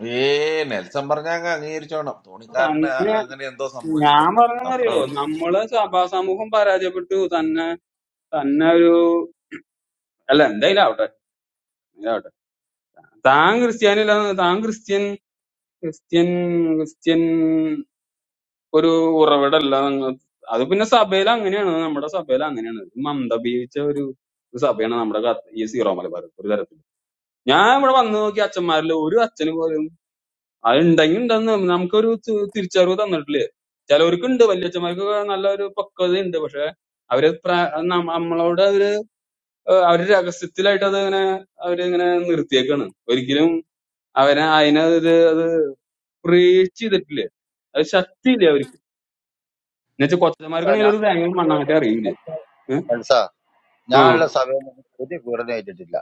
Hey, now, where did you go? I went to Nikarne.
തന്നെ
That is to Sambojita.
ഞാൻ
That's
പറഞ്ഞറിയോ
all.
നമ്മളെ സഭാ സമൂഹം പരാജയപ്പെട്ടു തന്നെ തന്നെ ഒരു അല്ല എന്തായാലും ആവട്ടെ എന്തായാലും ആവട്ടെ താൻ ക്രിസ്ത്യാനി അല്ല താൻ ക്രിസ്ത്യൻ ക്രിസ്ത്യൻ ക്രിസ്ത്യൻ ഒരു ഉറവിടമല്ല ഞങ്ങ- അത് പിന്നെ സഭയിൽ അങ്ങനെയാണ് നമ്മുടെ സഭയിൽ അങ്ങനെയാണ് ഇത് മന്ദബീച്ച ഒരു ഒരു സഭയാണ് നമ്മുടെ കത്ത- ഈ സീറോ മലബാർ ഒരു തരത്തിൽ ഞാൻ ഇവിടെ വന്ന് നോക്കി അച്ഛന്മാരിൽ ഒരു അച്ഛന് പോലും അത് ഉണ്ടെങ്കിൽ ഉണ്ടെന്ന് നമുക്കൊരു തി- തിരിച്ചറിവ് തന്നിട്ടില്ലേ ചിലവർക്ക് ഉണ്ട് വല്യച്ഛന്മാർക്കൊക്കെ നല്ല ഒരു പക്വത ഉണ്ട് പക്ഷെ അവര് പ്രാ- നമ്മ- നമ്മളോട് അവര് ഏഹ് അവര് രഹസ്യത്തിലായിട്ട് അത് ഇങ്ങനെ അവരിങ്ങനെ നിർത്തിയേക്കാണ് ഒരിക്കലും അവനെ അതിനെ അത് പ്രീച്ച് ചെയ്തിട്ടില്ലേ അത് ശക്തിയില്ലേ അവർക്ക് എന്നുവെച്ചാൽ
എൽസ
കൊച്ചന്മാർക്കാണെങ്കിൽ
ഞാൻ
ഒരു തേങ്ങ മണ്ണാട്ടെ അറിയില്ല ഏഹ്?
എൽസ
ആ
ഞാനുള്ള സഭയിൽ നിന്ന് ഒരു പീഡനം ഏറ്റിട്ടില്ല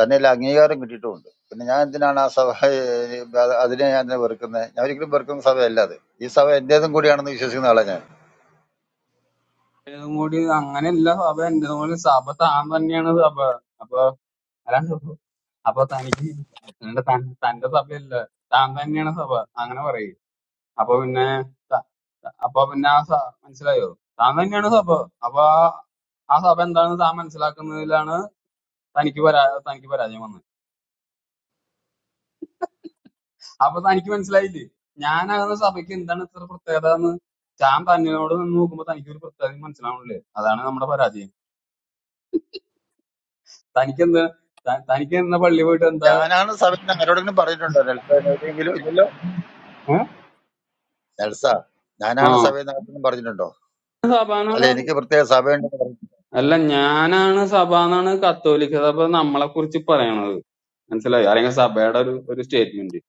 തന്നെയല്ല അംഗീകാരം കിട്ടിയിട്ടുമുണ്ട് പിന്നെ ഞാൻ എന്തിനാണ് ആ സഭ ഏഹ്, അത് അതിനെ ഞാൻ എന്തിനാ വെറുക്കുന്നത് ഞാൻ ഒരിക്കലും വെറുക്കുന്ന സഭയല്ല അത് ഈ സഭ എന്റേതും കൂടിയാണെന്ന് വിശ്വസിക്കുന്ന ആളാണ് ഞാൻ
ഏതും കൂടി അങ്ങനെയല്ല സഭ എന്റേതും കൂടി സഭ താൻ തന്നെയാണ് സഭ അപ്പൊ അല്ലാണ്ട് അപ്പൊ തനിക്ക് അല്ലാണ്ട് തൻ- തന്റെ സഭയല്ല താൻ തന്നെയാണ് സഭ അങ്ങനെ പറയും അപ്പൊ പിന്നെ ത- ത- അപ്പൊ പിന്നെ ആ സ- മനസ്സിലായോ താൻ തന്നെയാണ് സഭ അപ്പൊ ആ ആ സഭ എന്താണെന്ന് താൻ മനസ്സിലാക്കുന്നതിലാണ് തനിക്ക് പരാ തനിക്ക് പരാജയം വന്നത് അപ്പൊ തനിക്ക് മനസ്സിലായില്ലേ ഞാനാകുന്ന സഭയ്ക്ക് എന്താണ് ഇത്ര പ്രത്യേകത എന്ന് താൻ തന്നോട് നിന്ന് നോക്കുമ്പോ തനിക്ക് ഒരു പ്രത്യേകത മനസ്സിലാവണില്ലേ അതാണ് നമ്മുടെ പരാജയം തനിക്ക് എന്താ ത- തനിക്ക് എന്ന പള്ളി പോയിട്ട് എന്താ
ഞാനാണ് സഭയിൽ നിന്ന് ആരോടെങ്കിലും പറഞ്ഞിട്ടുണ്ടോ നെൽസ എവിടെയെങ്കിലും ഇല്ലല്ലോ
ഏ?
നെൽസ
ആ
ഞാനാണ് സഭയിൽ നിന്ന് ആരോടെങ്കിലും പറഞ്ഞിട്ടുണ്ടോ അല്ല
സഭാന്നാണ്
എനിക്ക് പ്രത്യേക സഭയുണ്ടെന്ന്
അല്ല ഞാനാണ് സഭ എന്നാണ് കത്തോലിക്ക സഭ നമ്മളെ കുറിച്ച് പറയണത് മനസ്സിലായി അല്ലെങ്കിൽ സഭയുടെ ഒരു ഒരു സ്റ്റേറ്റ്മെന്റ്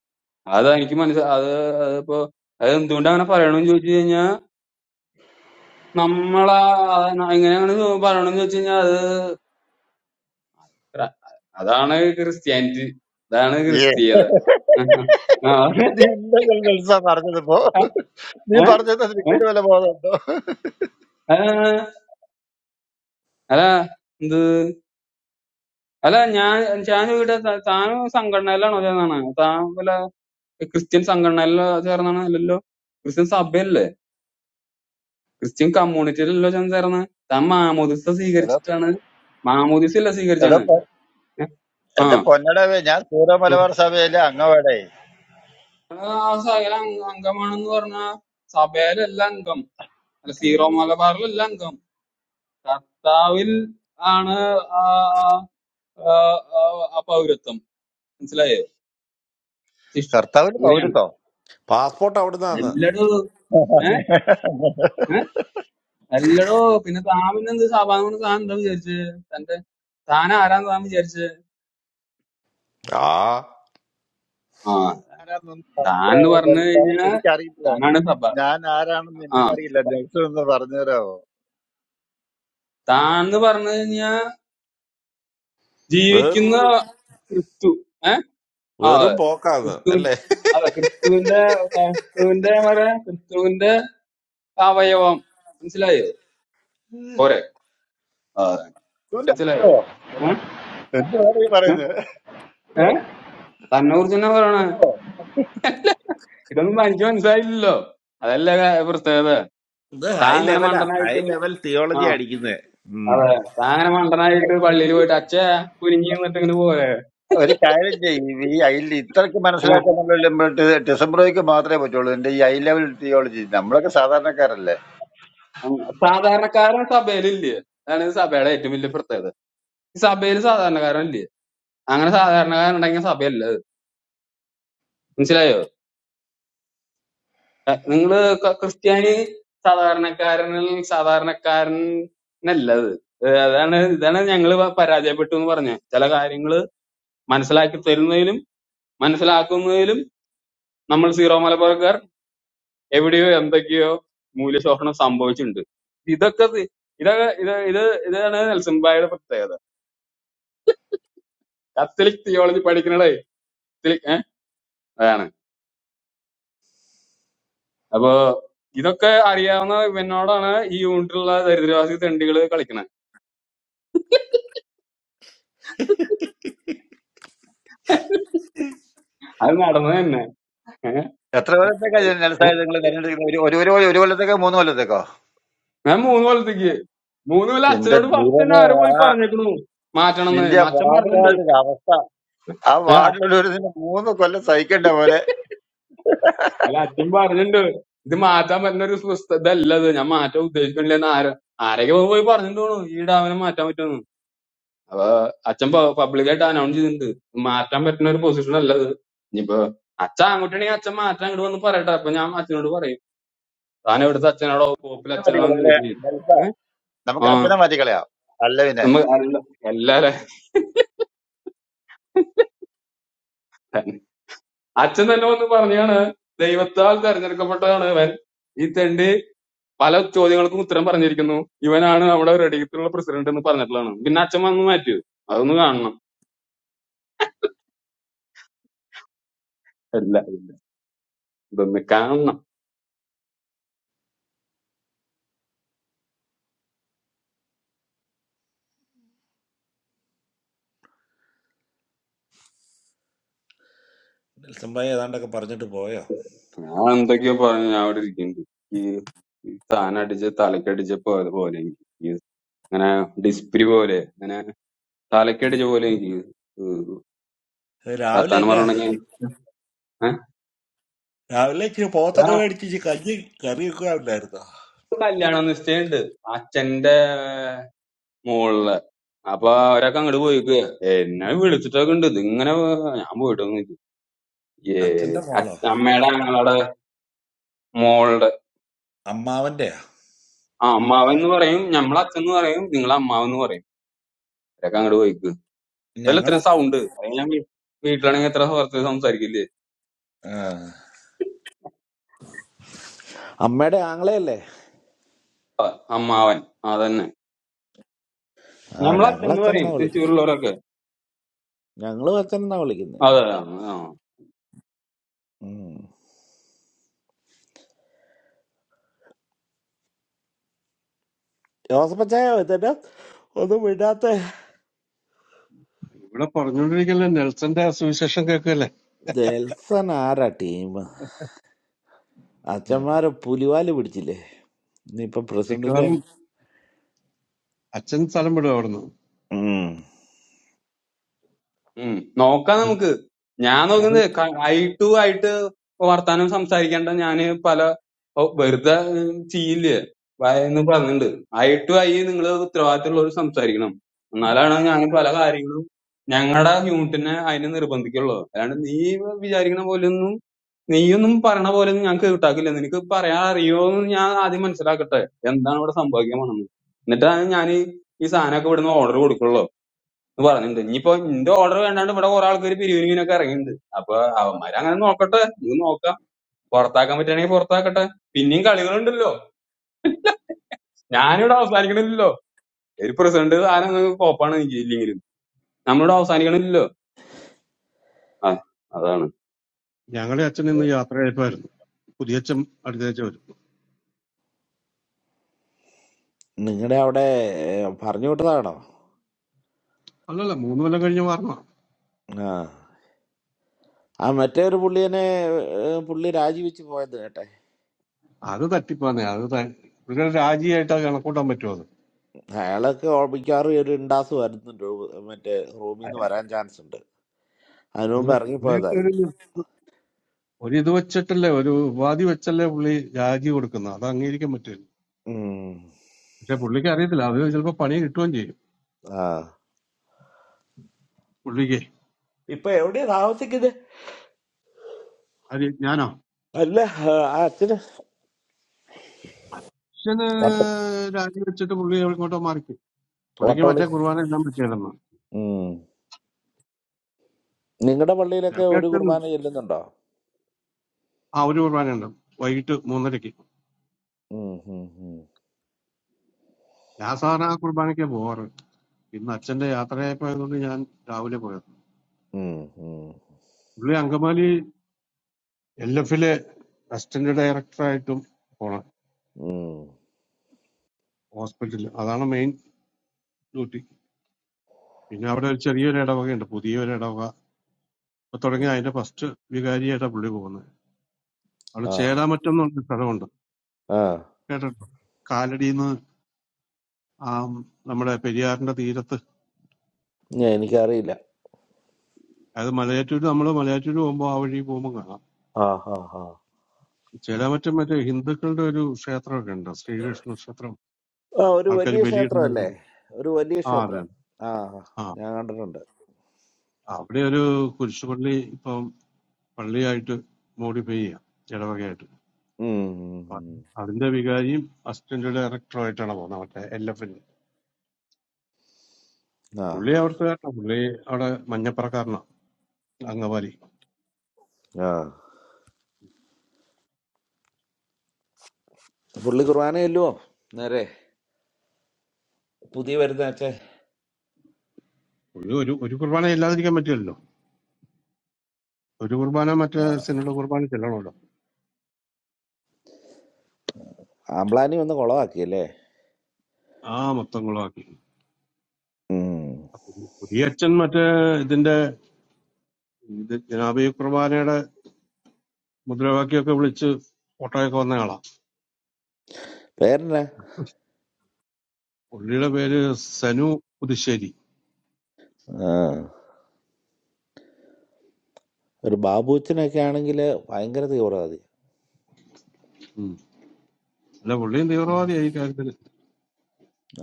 അത് എനിക്ക് മനസ്സിലായി അത് അതിപ്പോ അത് എന്തുകൊണ്ട് അങ്ങനെ പറയണമെന്ന് ചോദിച്ചു കഴിഞ്ഞാൽ നമ്മളാ എങ്ങനെയാണ് പറയണമെന്ന് ചോദിച്ചു കഴിഞ്ഞാൽ അത് അതാണ് ക്രിസ്ത്യാനിറ്റി അതാണ്
പറഞ്ഞു
ക്രിസ്തീയത ആ.
നീ എന്തെങ്കിലും നെൽസാ പറഞ്ഞതിപ്പോ നീ പറഞ്ഞത്
ഏ? ഏ?
ക്രിക്കറ്റ് വല്ല ബോധമുണ്ടോ
ആ. അല്ല എന്ത് അല്ല ഞാൻ ഞാൻ ചോദിക്കട്ടെ ത- താൻ സംഘടനയിലാണോ ചേർന്നാണ് താൻ വല്ല ക്രിസ്ത്യൻ സംഘടനയിലോ ചേർന്നാണ് അല്ലല്ലോ ക്രിസ്ത്യൻ സഭയല്ലേ ക്രിസ്ത്യൻ കമ്മ്യൂണിറ്റിയിലല്ലോ ഞാൻ ചേർന്ന് താൻ മാമോദിസ
എടോ
സ്വീകരിച്ചിട്ടാണ് മാമോദിസ അല്ല
എടോ
സ്വീകരിച്ചാണ്
പൊ-
ഏ? ആ
എന്റെ പൊന്നടവേ ഞാൻ സൂര്യ മലബാർ സഭയിലെ അംഗമാടേ
ആ സകല അംഗമാണെന്ന് പറഞ്ഞ സഭയിലല്ല അംഗം അല്ല സീറോ മലബാറിലല്ല അംഗം കർത്താവിൽ ആണ് ആ ആ, ആ, ആ പൗരത്വം മനസ്സിലായോ ശിഷ്യ
കർത്താവിന്
അങ്ങനെയാണ്
പൗരത്വം
Passport, all that.
അല്ലടോ ഏ ഏ അല്ലടോ പിന്നെ താമിനെന്ത് സാഭാവന താൻ എന്താ വിചാരിച്ച് തന്റെ താൻ ആരാന്ന് താൻ വിചാരിച്ച്
Ah,
ആ
ആരാന്നൊന്നും
താൻ എന്ന് പറഞ്ഞു കഴിഞ്ഞാ
എനിക്കറിയില്ല
താനാണ് സഭ
ഞാൻ ആരാണെന്ന്
ആ
എനിക്കറിയില്ല നെൽസൺ എന്ന് പറഞ്ഞുതരാമോ
താൻ എന്ന് പറഞ്ഞു കഴിഞ്ഞാ
very,
ജീവിക്കുന്ന ക്രിസ്തു ഏ ആ
very
അതെ.
book, all that.
ക്രിസ്തു
All that.
അതെ ക്രിസ്തുവിന്റെ ക്രിസ്തുവിന്റെ വരെ ക്രിസ്തുവിന്റെ അവയവം മനസ്സിലായോ പോരെ
ഇതുണ്ട്. ഓ,
മനസ്സിലായോ ഏ
എന്തുവാണ് ഈ
ഏ
പറയുന്നത്
ഏ? തന്നൂർ തന്നെ പറയണ ഇതൊന്നും തനിക്ക് മനസ്സിലായില്ലല്ലോ അതല്ല ക- പ്രത്യേകത
The
താ
high
അങ്ങനെ
level, ah, high
മണ്ടനായിട്ട്
level
ആ
theory, adi, isn't it?
അതെ
Hmm.
താ അങ്ങനെ മണ്ടനായിട്ട് പള്ളിയിൽ പോയിട്ട് അച്ഛ കുനിഞ്ഞു നിന്നിട്ട് ഇങ്ങനെ പോലെ
ഒരു കാര്യം ചെയ്യും ഈ അയിൽ ഇത്രയ്ക്ക് മനസ്സിലാക്കാന്നുള്ളത് ഡിസംബ്രോയ്ക്ക് മാത്രമേ പറ്റുള്ളൂ എന്റെ ഈ ഐ ലെവൽ തിയോളജി നമ്മളൊക്കെ സാധാരണക്കാരല്ലേ
സാധാരണക്കാരൻ സഭയിലില്ലേ അതാണ് ഈ സഭയുടെ ഏറ്റവും വലിയ പ്രത്യേകത ഈ സഭയിൽ സാധാരണക്കാരൻ ഇല്ലേ അങ്ങനെ സാധാരണക്കാരൻ ഉണ്ടെങ്കിൽ സഭയല്ല അത് മനസ്സിലായോ നിങ്ങള് ക- ക്രിസ്ത്യാനി സാധാരണക്കാരനിൽ സാധാരണക്കാരനല്ല അത് ഏഹ് അതാണ് ഇതാണ് ഞങ്ങൾ പരാജയപ്പെട്ടു എന്ന് പറഞ്ഞത് ചില കാര്യങ്ങൾ മനസ്സിലാക്കി തരുന്നതിലും മനസ്സിലാക്കുന്നതിലും നമ്മൾ സീറോ മലബാർക്കാർ എവിടെയോ എന്തൊക്കെയോ മൂല്യശോഷണം സംഭവിച്ചിട്ടുണ്ട് ഇതൊക്കെ തി- ഇതൊക്കെ ഇത് ഇത് ഇതാണ് നെൽസൺ ഭായിയുടെ പ്രത്യേകത കത്തലിക് തിയോളജി പഠിക്കണതേ കത്തലിക് ഏഹ് അതാണ് അപ്പൊ ഇതൊക്കെ അറിയാവുന്ന ഇവനോടാണ് ഈ യൂണിറ്റുള്ള ദരിദ്രവാസി തെണ്ടികള് കളിക്കണത് അത് നടന്നത് തന്നെ ഏഹ്
എത്ര കൊല്ലത്തേക്കാ നെൽസായത് നിങ്ങൾ തെരഞ്ഞെടുക്കുന്നത് ഒരു ഒരു ഒരു ഒരു കൊല്ലത്തേക്കോ മൂന്ന് കൊല്ലത്തേക്കോ
ഞാൻ മൂന്ന് കൊല്ലത്തേക്ക് മൂന്ന് കൊല്ലം
എന്റെ
അച്ഛനോട് ഫസ്റ്റ് തന്നെ
ദൈവമേ
ആരോ പോയി
ആ
പറഞ്ഞേക്കണു മാറ്റണം
നിന്റെ
എന്ന് അച്ഛൻ
വാർഡുകാരുടെ
പറഞ്ഞിട്ടുണ്ട്
അവ- ആ
ഏ,
വാർഡിലുള്ള ഒരു മൂന്ന് കൊല്ലം സഹിക്കേണ്ട പോലെ
അല്ല അച്ഛൻ പറഞ്ഞിട്ടുണ്ട് ഇത് മാറ്റാൻ പറ്റുന്ന ഒരു സ്വസ്ഥ ഇതല്ല ഇത് ഞാൻ മാറ്റാൻ ഉദ്ദേശിക്കണില്ലെന്ന് ആരോ ആരൊക്കെ പോയി പറഞ്ഞിട്ട് തോന്നു ഈ ഡാമിനെ മാറ്റാൻ പറ്റുമെന്ന് അപ്പൊ അച്ഛൻ പബ്ലിക് ആയിട്ട് അനൗൺസ് ചെയ്തിട്ടുണ്ട് ഇത് മാറ്റാൻ പറ്റുന്ന ഒരു പൊസിഷൻ അല്ല ഇത് ഇനിയിപ്പോ അച്ഛൻ അങ്ങോട്ടാണെങ്കിൽ അച്ഛൻ മാറ്റാൻ അങ്ങോട്ട് വന്ന് പറയട്ടെ അപ്പൊ ഞാൻ അച്ഛനോട് പറയും താൻ എവിടുത്തെ അച്ഛനാണോ കോപ്പിൽ
അച്ഛനെ മാറ്റി
അച്ഛനാണോ
കളയാം
എന്ന്
അല്ലേ?
ചോദിക്കുന്നത് ഏഹ്
നമുക്ക്
ആ
അച്ഛനെ മാറ്റി കളയാം
നമ്മ അല്ല അല്ല അച്ഛൻ തന്നെ വന്ന് പറഞ്ഞാണ് ദൈവത്താൽ തെരഞ്ഞെടുക്കപ്പെട്ടതാണ് ഇവൻ ഈ തെണ്ടി പല ചോദ്യങ്ങൾക്കും ഉത്തരം പറഞ്ഞിരിക്കുന്നു ഇവനാണ് നമ്മുടെ റെഡിയത്തിലുള്ള പ്രസിഡന്റ് എന്ന് പറഞ്ഞിട്ടുള്ളതാണ് പിന്നെ അച്ഛൻ വന്ന് മാറ്റിയത് അതൊന്ന് കാണണം അല്ല ഇല്ല ഇതൊന്ന് കാണണം
Somebody is standing up, parrot, to boy.
ഞാൻ എന്തൊക്കെയോ പറഞ്ഞു ഞാൻ അവിടെ ഇരിക്കുന്നുണ്ട് ഈ ഈ താൻ അടിച്ച് തലക്കടിച്ച പോലെ പോലെ എനിക്ക് ഈ ഇങ്ങനെ ഡിസ്പ്രി പോലെ ഇങ്ങനെ തലക്കടിച്ച പോലെ എനിക്ക്
Hey, Ravi,
വർത്താനം
adi.
പറയണെങ്കിൽ uh?
Ravi, you have to go
ഒരാൾക്ക്
and do something. Curry, curry, curry, adi, isn't it?
കല്യാണം നിശ്ചയുണ്ട് അച്ഛന്റെ അപ്പൊ അവരൊക്കെ അങ്ങോട്ട് പോയിക്കുക എന്നെ വിളിച്ചിട്ടൊക്കെ ഉണ്ട് ഇതിങ്ങനെ വ- ഞാൻ പോയിട്ടൊന്നും ഇല്ല. ഏ
Ah, Chandu, follow.
അച്ഛ- അമ്മയുടെ ഞങ്ങളുടെ മോളുടെ
Amma, adi.
ആ അമ്മാവൻ എന്ന് പറയും ഞമ്മളെ അച്ഛൻ എന്ന് പറയും നിങ്ങളെ അമ്മാവൻ എന്ന് പറയും അവരൊക്കെ അങ്ങോട്ട് പോയിക്ക്
We,
ഇതല്ല ഇത്ര സൗണ്ട് അത് ഞാൻ വീ- വീട്ടിലാണെങ്കിൽ എത്ര കുറച്ച് സംസാരിക്കില്ലേ
ah, Amma, adi, Angale, le.
അമ്മാവൻ അതന്നെ
Ah, we,
ഞമ്മളെ അച്ഛൻ
ah,
എന്ന്
Chandu,
പറയും
follow, isn't it?
തൃശ്ശൂരുള്ളവരൊക്കെ
We, ah, Chandu, follow, isn't it?
അതെ
Hmm. Yesterday, I, adi, I, adi, went to.
ഇവിടെ പറഞ്ഞുകൊണ്ടിരിക്കല്ലേ നെൽസന്റെ സുവിശേഷം കേൾക്കല്ലേ
The Elson Ara team. Ah,
ഉം.
Chandu, I have gone to the Pulivalli, isn't it? You are present, isn't
മിക്കവാറും
it?
അച്ഛൻ സ്ഥലം വിടും അവിടുന്ന്
Hmm.
ഉം. നോക്കാം നമുക്ക് ഞാൻ
ഞങ്ങൾ
നോക്കുന്നത് ക- ഐ ടു ആയിട്ട് വർത്താനം സംസാരിക്കണ്ട ഞാന് പല ഓ, വെറുതെ ഉം, ചെയ്യില്ലേ വ- എന്ന് പറഞ്ഞിട്ടുണ്ട് ഐ ടു ഐ നിങ്ങൾ ഉത്തരവാദിത്തമുള്ളവർ സംസാരിക്കണം എന്നാലാണ് ഞാൻ പല കാര്യങ്ങളും ഞങ്ങളുടെ യൂണിറ്റിനെ അതിനെ നിർബന്ധിക്കുള്ളൂ അല്ലാണ്ട് നീ വിചാരിക്കണ പോലെയൊന്നും നീയൊന്നും പറയണ പോലെ ഒന്നും ഞാൻ കേട്ടാക്കില്ല നിനക്ക് പറയാൻ അറിയോന്ന് ഞാൻ ആദ്യം മനസ്സിലാക്കട്ടെ എന്താണ് ഇവിടെ സംഭവിക്കാൻ പോണെന്ന് എന്നിട്ടാണ് ഞാൻ ഈ സാധനമൊക്കെ ഇവിടുന്ന് ഓർഡർ കൊടുക്കുള്ളൂ എന്ന് പറഞ്ഞിട്ടുണ്ട് ഇനിയിപ്പോ നിന്റെ ഓർഡർ വേണ്ടാണ്ട് ഇവിടെ കുറെ ആൾക്കാർ പിരിവിനൊക്കെ ഇറങ്ങിയിട്ടുണ്ട് അപ്പൊ അവന്മാര് അങ്ങനെ നോക്കട്ടെ നീ നോക്കാം പുറത്താക്കാൻ പറ്റുകയാണെങ്കിൽ പുറത്താക്കട്ടെ പിന്നെയും കളികളുണ്ടല്ലോ ഞാനിവിടെ അവസാനിക്കണില്ലല്ലോ ഒരു പ്രസിഡന്റ് താരം കോപ്പാണ് ലീഗിൽ നമ്മളിവിടെ അവസാനിക്കണില്ലല്ലോ ആ അതാണ്
ഞങ്ങളെ അച്ഛൻ ഇന്ന് യാത്ര കഴിപ്പായിരുന്നു പുതിയച്ഛൻ അടുത്തേച്ച് വരും
നിങ്ങളുടെ അവിടെ ഏ, പറഞ്ഞു വിട്ടതാണോ
അല്ലല്ല മൂന്ന് കൊല്ലം കഴിഞ്ഞ് മാറണം
ആ ആ മറ്റേ ഒരു പുള്ളിയനെ ഏ, പുള്ളി രാജിവെച്ച് പോയത് കേട്ടെ
അത് തട്ടിപ്പാന്നെ അത് ത- പുള്ളിയുടെ രാജിയായിട്ട് അത് കണക്കൂട്ടാൻ പറ്റുമോ അത്
അയാളൊക്കെ ഓ- മിക്കവാറും ഒരു ഇണ്ടാസ് വരുന്നുണ്ട് റൂ- മറ്റേ റൂമിൽ നിന്ന് വരാൻ ചാൻസ് ഉണ്ട് അതിനു
അല്ല
മുമ്പ്
പുള്ളിയൊക്കെ ഒരു
ഇറങ്ങിപ്പോയതായിരിക്കും
ഒരു ഇത് വെച്ചിട്ടല്ലേ ഒരു ഉപാധി വെച്ചല്ലേ പുള്ളി രാജി കൊടുക്കുന്നത് അത് അംഗീകരിക്കാൻ പറ്റില്ല
ഉം.
പക്ഷെ പുള്ളിക്ക് അറിയത്തില്ല അത് ചിലപ്പോ പണി കിട്ടുകയും ചെയ്യും
ആ
പുള്ളിക്ക്
ഇപ്പൊ എവിടെയാ താമസിക്കുന്നത്
അത് ഞാനോ
അല്ല ആ, ആ അച്ഛന്
അച്ഛന്
വട്ട-
രാജി വെച്ചിട്ട് പുള്ളി എങ്ങോട്ടോ മാറിക്കും പുള്ളിക്ക്
വട്ടവളി
മറ്റേ കുർബാന എല്ലാം പറ്റിയായിരുന്നു
നിങ്ങളുടെ പള്ളിയിലൊക്കെ ഒരു
ഞങ്ങൾക്കും
കുർബാന ചെല്ലുന്നുണ്ടോ
ആ ഒരു കുർബാനയുണ്ട് വൈകിട്ട് മൂന്നരയ്ക്ക്
ഉം, ഉം, ഉം.
ഞാൻ സാധാരണ ആ കുർബാനയ്ക്ക് പോവാറ് ഇന്ന് അച്ഛന്റെ യാത്രയായപ്പോയതുകൊണ്ട് ഞാൻ രാവിലെ പോയത്
ഉം, ഉം,
പുള്ളി അങ്കമാലി എൽ എഫിലെ അസിസ്റ്റന്റ് ഡയറക്ടറായിട്ടും പോണം
ഉം.
ഹോസ്പിറ്റലിൽ അതാണ് മെയിൻ ഡ്യൂട്ടി പിന്നെ അവിടെ ഒരു ചെറിയൊരു ഇടവകയുണ്ട് പുതിയൊരു ഇടവക ഇപ്പൊ തുടങ്ങി അതിന്റെ ഫസ്റ്റ് വികാരിയായിട്ടാണ് പുള്ളി പോകുന്നത് അവിടെ
ആ
ചേലാമറ്റം എന്ന് പറഞ്ഞ സ്ഥലമുണ്ട്
ആ
കേട്ടിട്ടുണ്ടോ കാലടിന്ന് ആ നമ്മുടെ പെരിയാറിന്റെ തീരത്ത്
ഞാ- എനിക്കറിയില്ല
അതായത് മലയാറ്റൂര് നമ്മൾ മലയാറ്റൂര് പോകുമ്പോൾ ആ വഴി പോകുമ്പോൾ കാണാം
ആ ആ ആ
ചില മറ്റേ മറ്റേ ഹിന്ദുക്കളുടെ ഒരു ക്ഷേത്രമൊക്കെ ഉണ്ട് ശ്രീകൃഷ്ണ ക്ഷേത്രം
Oh, a
ആൾക്കാർ
valley
ബലിയിടാൻ
sector, leh. A valley
ആ അതെ
sector. Ah,
ആ
I understand.
അവിടെ ഒരു കുരിശുപള്ളി ഇപ്പം പള്ളിയായിട്ട് മോഡിഫൈ ചെയ്യാം ഇടവകയായിട്ട് അപ്പൊ
Hmm.
അതിന്റെ വികാരിയും അസിസ്റ്റന്റ് ഡയറക്ടറും ആയിട്ടാണ് പോകുന്നത് മറ്റേ എൽ എഫിന്
Ah.
പുള്ളി അവിടുത്തെ പുള്ളി അവിടെ മഞ്ഞപ്പറക്കാരനാണ് അംഗവാലി
Ah. Puruli Gurmani, leh. No. New business.
പുള്ളി ഒരു ഒരു കുർബാന ഇല്ലാതിരിക്കാൻ പറ്റില്ലല്ലോ ഒരു കുർബാന മറ്റേ സിനിമ കുർബാന ചെല്ലണമല്ലോ
Amalaani, what kind of work is it?
ആ മൊത്തം കുളമാക്കി
Hmm.
അപ്പൊ ഈ പുതിയ അച്ഛൻ മറ്റേ ഇതിന്റെ ഇത് ജനാബി കുർബാനയുടെ മുദ്രാവാക്യമൊക്കെ വിളിച്ച് ഓട്ടമൊക്കെ വന്നയാളാ
What is it?
പുള്ളിയുടെ പേര് Sanu Puthussery
Ah. A father-in-law. If you are there, why are you doing this?
ഉം. അല്ല പുള്ളിയും തീവ്രവാദിയായി ഈ കാര്യത്തിൽ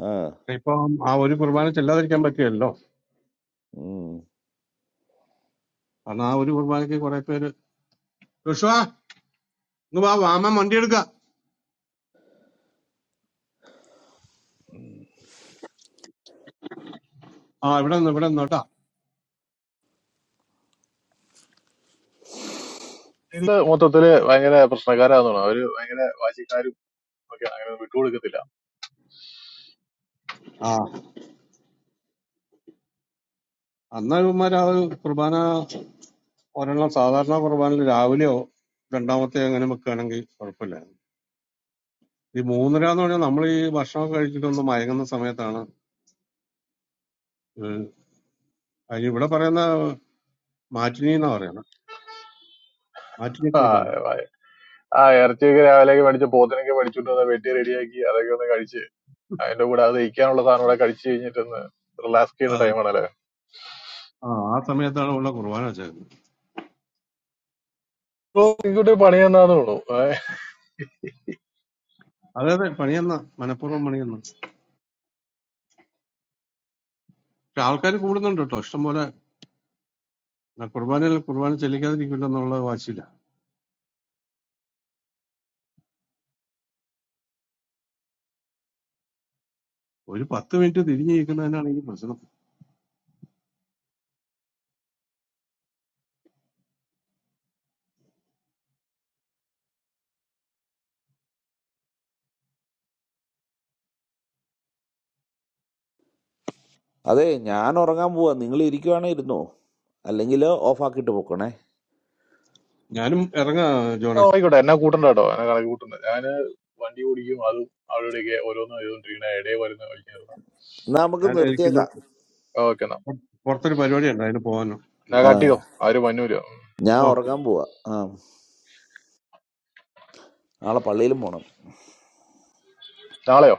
Ah.
ഇപ്പൊ ആ ഒരു കുർബാന ചെല്ലാതിരിക്കാൻ പറ്റിയല്ലോ
Hmm.
കാരണം ആ ഒരു കുർബാനയ്ക്ക് കുറെ പേര് ജോഷുവാ ഇങ്ങ് വാ വാമ വണ്ടി എടുക്ക ആ ഇവിടെ നിന്ന് ഇവിടെ നിന്ന് കേട്ടാ
ഇത് മൊത്തത്തില് ഭയങ്കര പ്രശ്നക്കാരാണെന്നാണ് അവര് ഭയങ്കര വാശിക്കാരും ഒക്കെ അങ്ങനെ വിട്ടുകൊടുക്കത്തില്ല
ആ അന്ന് ഇവന്മാർ ആ ഒരു കുർബാന ഒരെണ്ണം സാധാരണ കുർബാനയിൽ രാവിലെയോ രണ്ടാമത്തെ അങ്ങനെ വെക്കുകയാണെങ്കിൽ കുഴപ്പമില്ല ഈ മൂന്നര എന്ന് പറഞ്ഞാൽ നമ്മൾ ഈ ഭക്ഷണമൊക്കെ കഴിച്ചിട്ടൊന്ന് മയങ്ങുന്ന സമയത്താണ് ഏഹ് അതിന് ഇവിടെ പറയുന്ന മാറ്റിനി എന്നാ പറയുന്നത് ആറ്റിലെ
ആ
കുർബാന
വയ- ആ ഇറച്ചിയൊക്കെ രാവിലെയൊക്കെ മേടിച്ച് പോത്തിനൊക്കെ മേടിച്ചോണ്ട് വന്ന് വെട്ടി റെഡിയാക്കി അതൊക്കെ ഒന്ന് കഴിച്ച് അതിന്റെ കൂടെ അത് കഴിക്കാനുള്ള സാധനം കൂടെ കഴിച്ച് കഴിഞ്ഞിട്ടൊന്ന് റിലാക്സ് ചെയ്യുന്ന
അതെ
ടൈമാണല്ലേ
ആ ആ സമയത്താണ് ഉള്ള കുർബാന വെച്ചേക്കുന്നത്
എനിക്കൊരു പണി തന്നാന്ന് തോന്നുന്നു ഏ,
അതെ അതെ പണിയെന്ന മനഃപൂർവ്വം പണിയെന്ന പക്ഷെ ആൾക്കാർ കൂടുന്നുണ്ട് കേട്ടോ ഇഷ്ടംപോലെ ആ കുർബാനയിൽ കുർബാന ചെല്ലിക്കാതിരിക്കില്ല എന്നുള്ള വാശിയില്ല ഒരു പത്ത് മിനിറ്റ് തിരിഞ്ഞു നിൽക്കുന്നതിനാണ് ഈ പ്രശ്നം
That I am doing it. You guys are required to do it. If you are not, off you go. We
ഞാനും ഇറങ്ങാ
ആ,
ജോണെ
ആയിക്കോട്ടെ എന്നെ കൂട്ടണ്ട കേട്ടോ എന്നെ കണക്ക് കൂട്ടണ്ട ഞാന് വണ്ടി ഓടിക്കും അതും അവിടെ ഇവിടെയൊക്കെ ഓരോന്ന് ചെയ്തോണ്ടിരിക്കണ ഇടയെ വരുന്ന കഴിക്കാറുണ്ട്
are
ഞാൻ
doing
ഇരിക്കുന്ന
it.
ഓക്കെ എന്നാ
പുറത്തൊരു പരിപാടി ഉണ്ട് അതിന് പോകാനും
ഞാൻ
I
കട്ട്
am
ചെയ്തോ ആരും വന്നൂല
okay
doing it. Ah. That is not possible.
നാളെയോ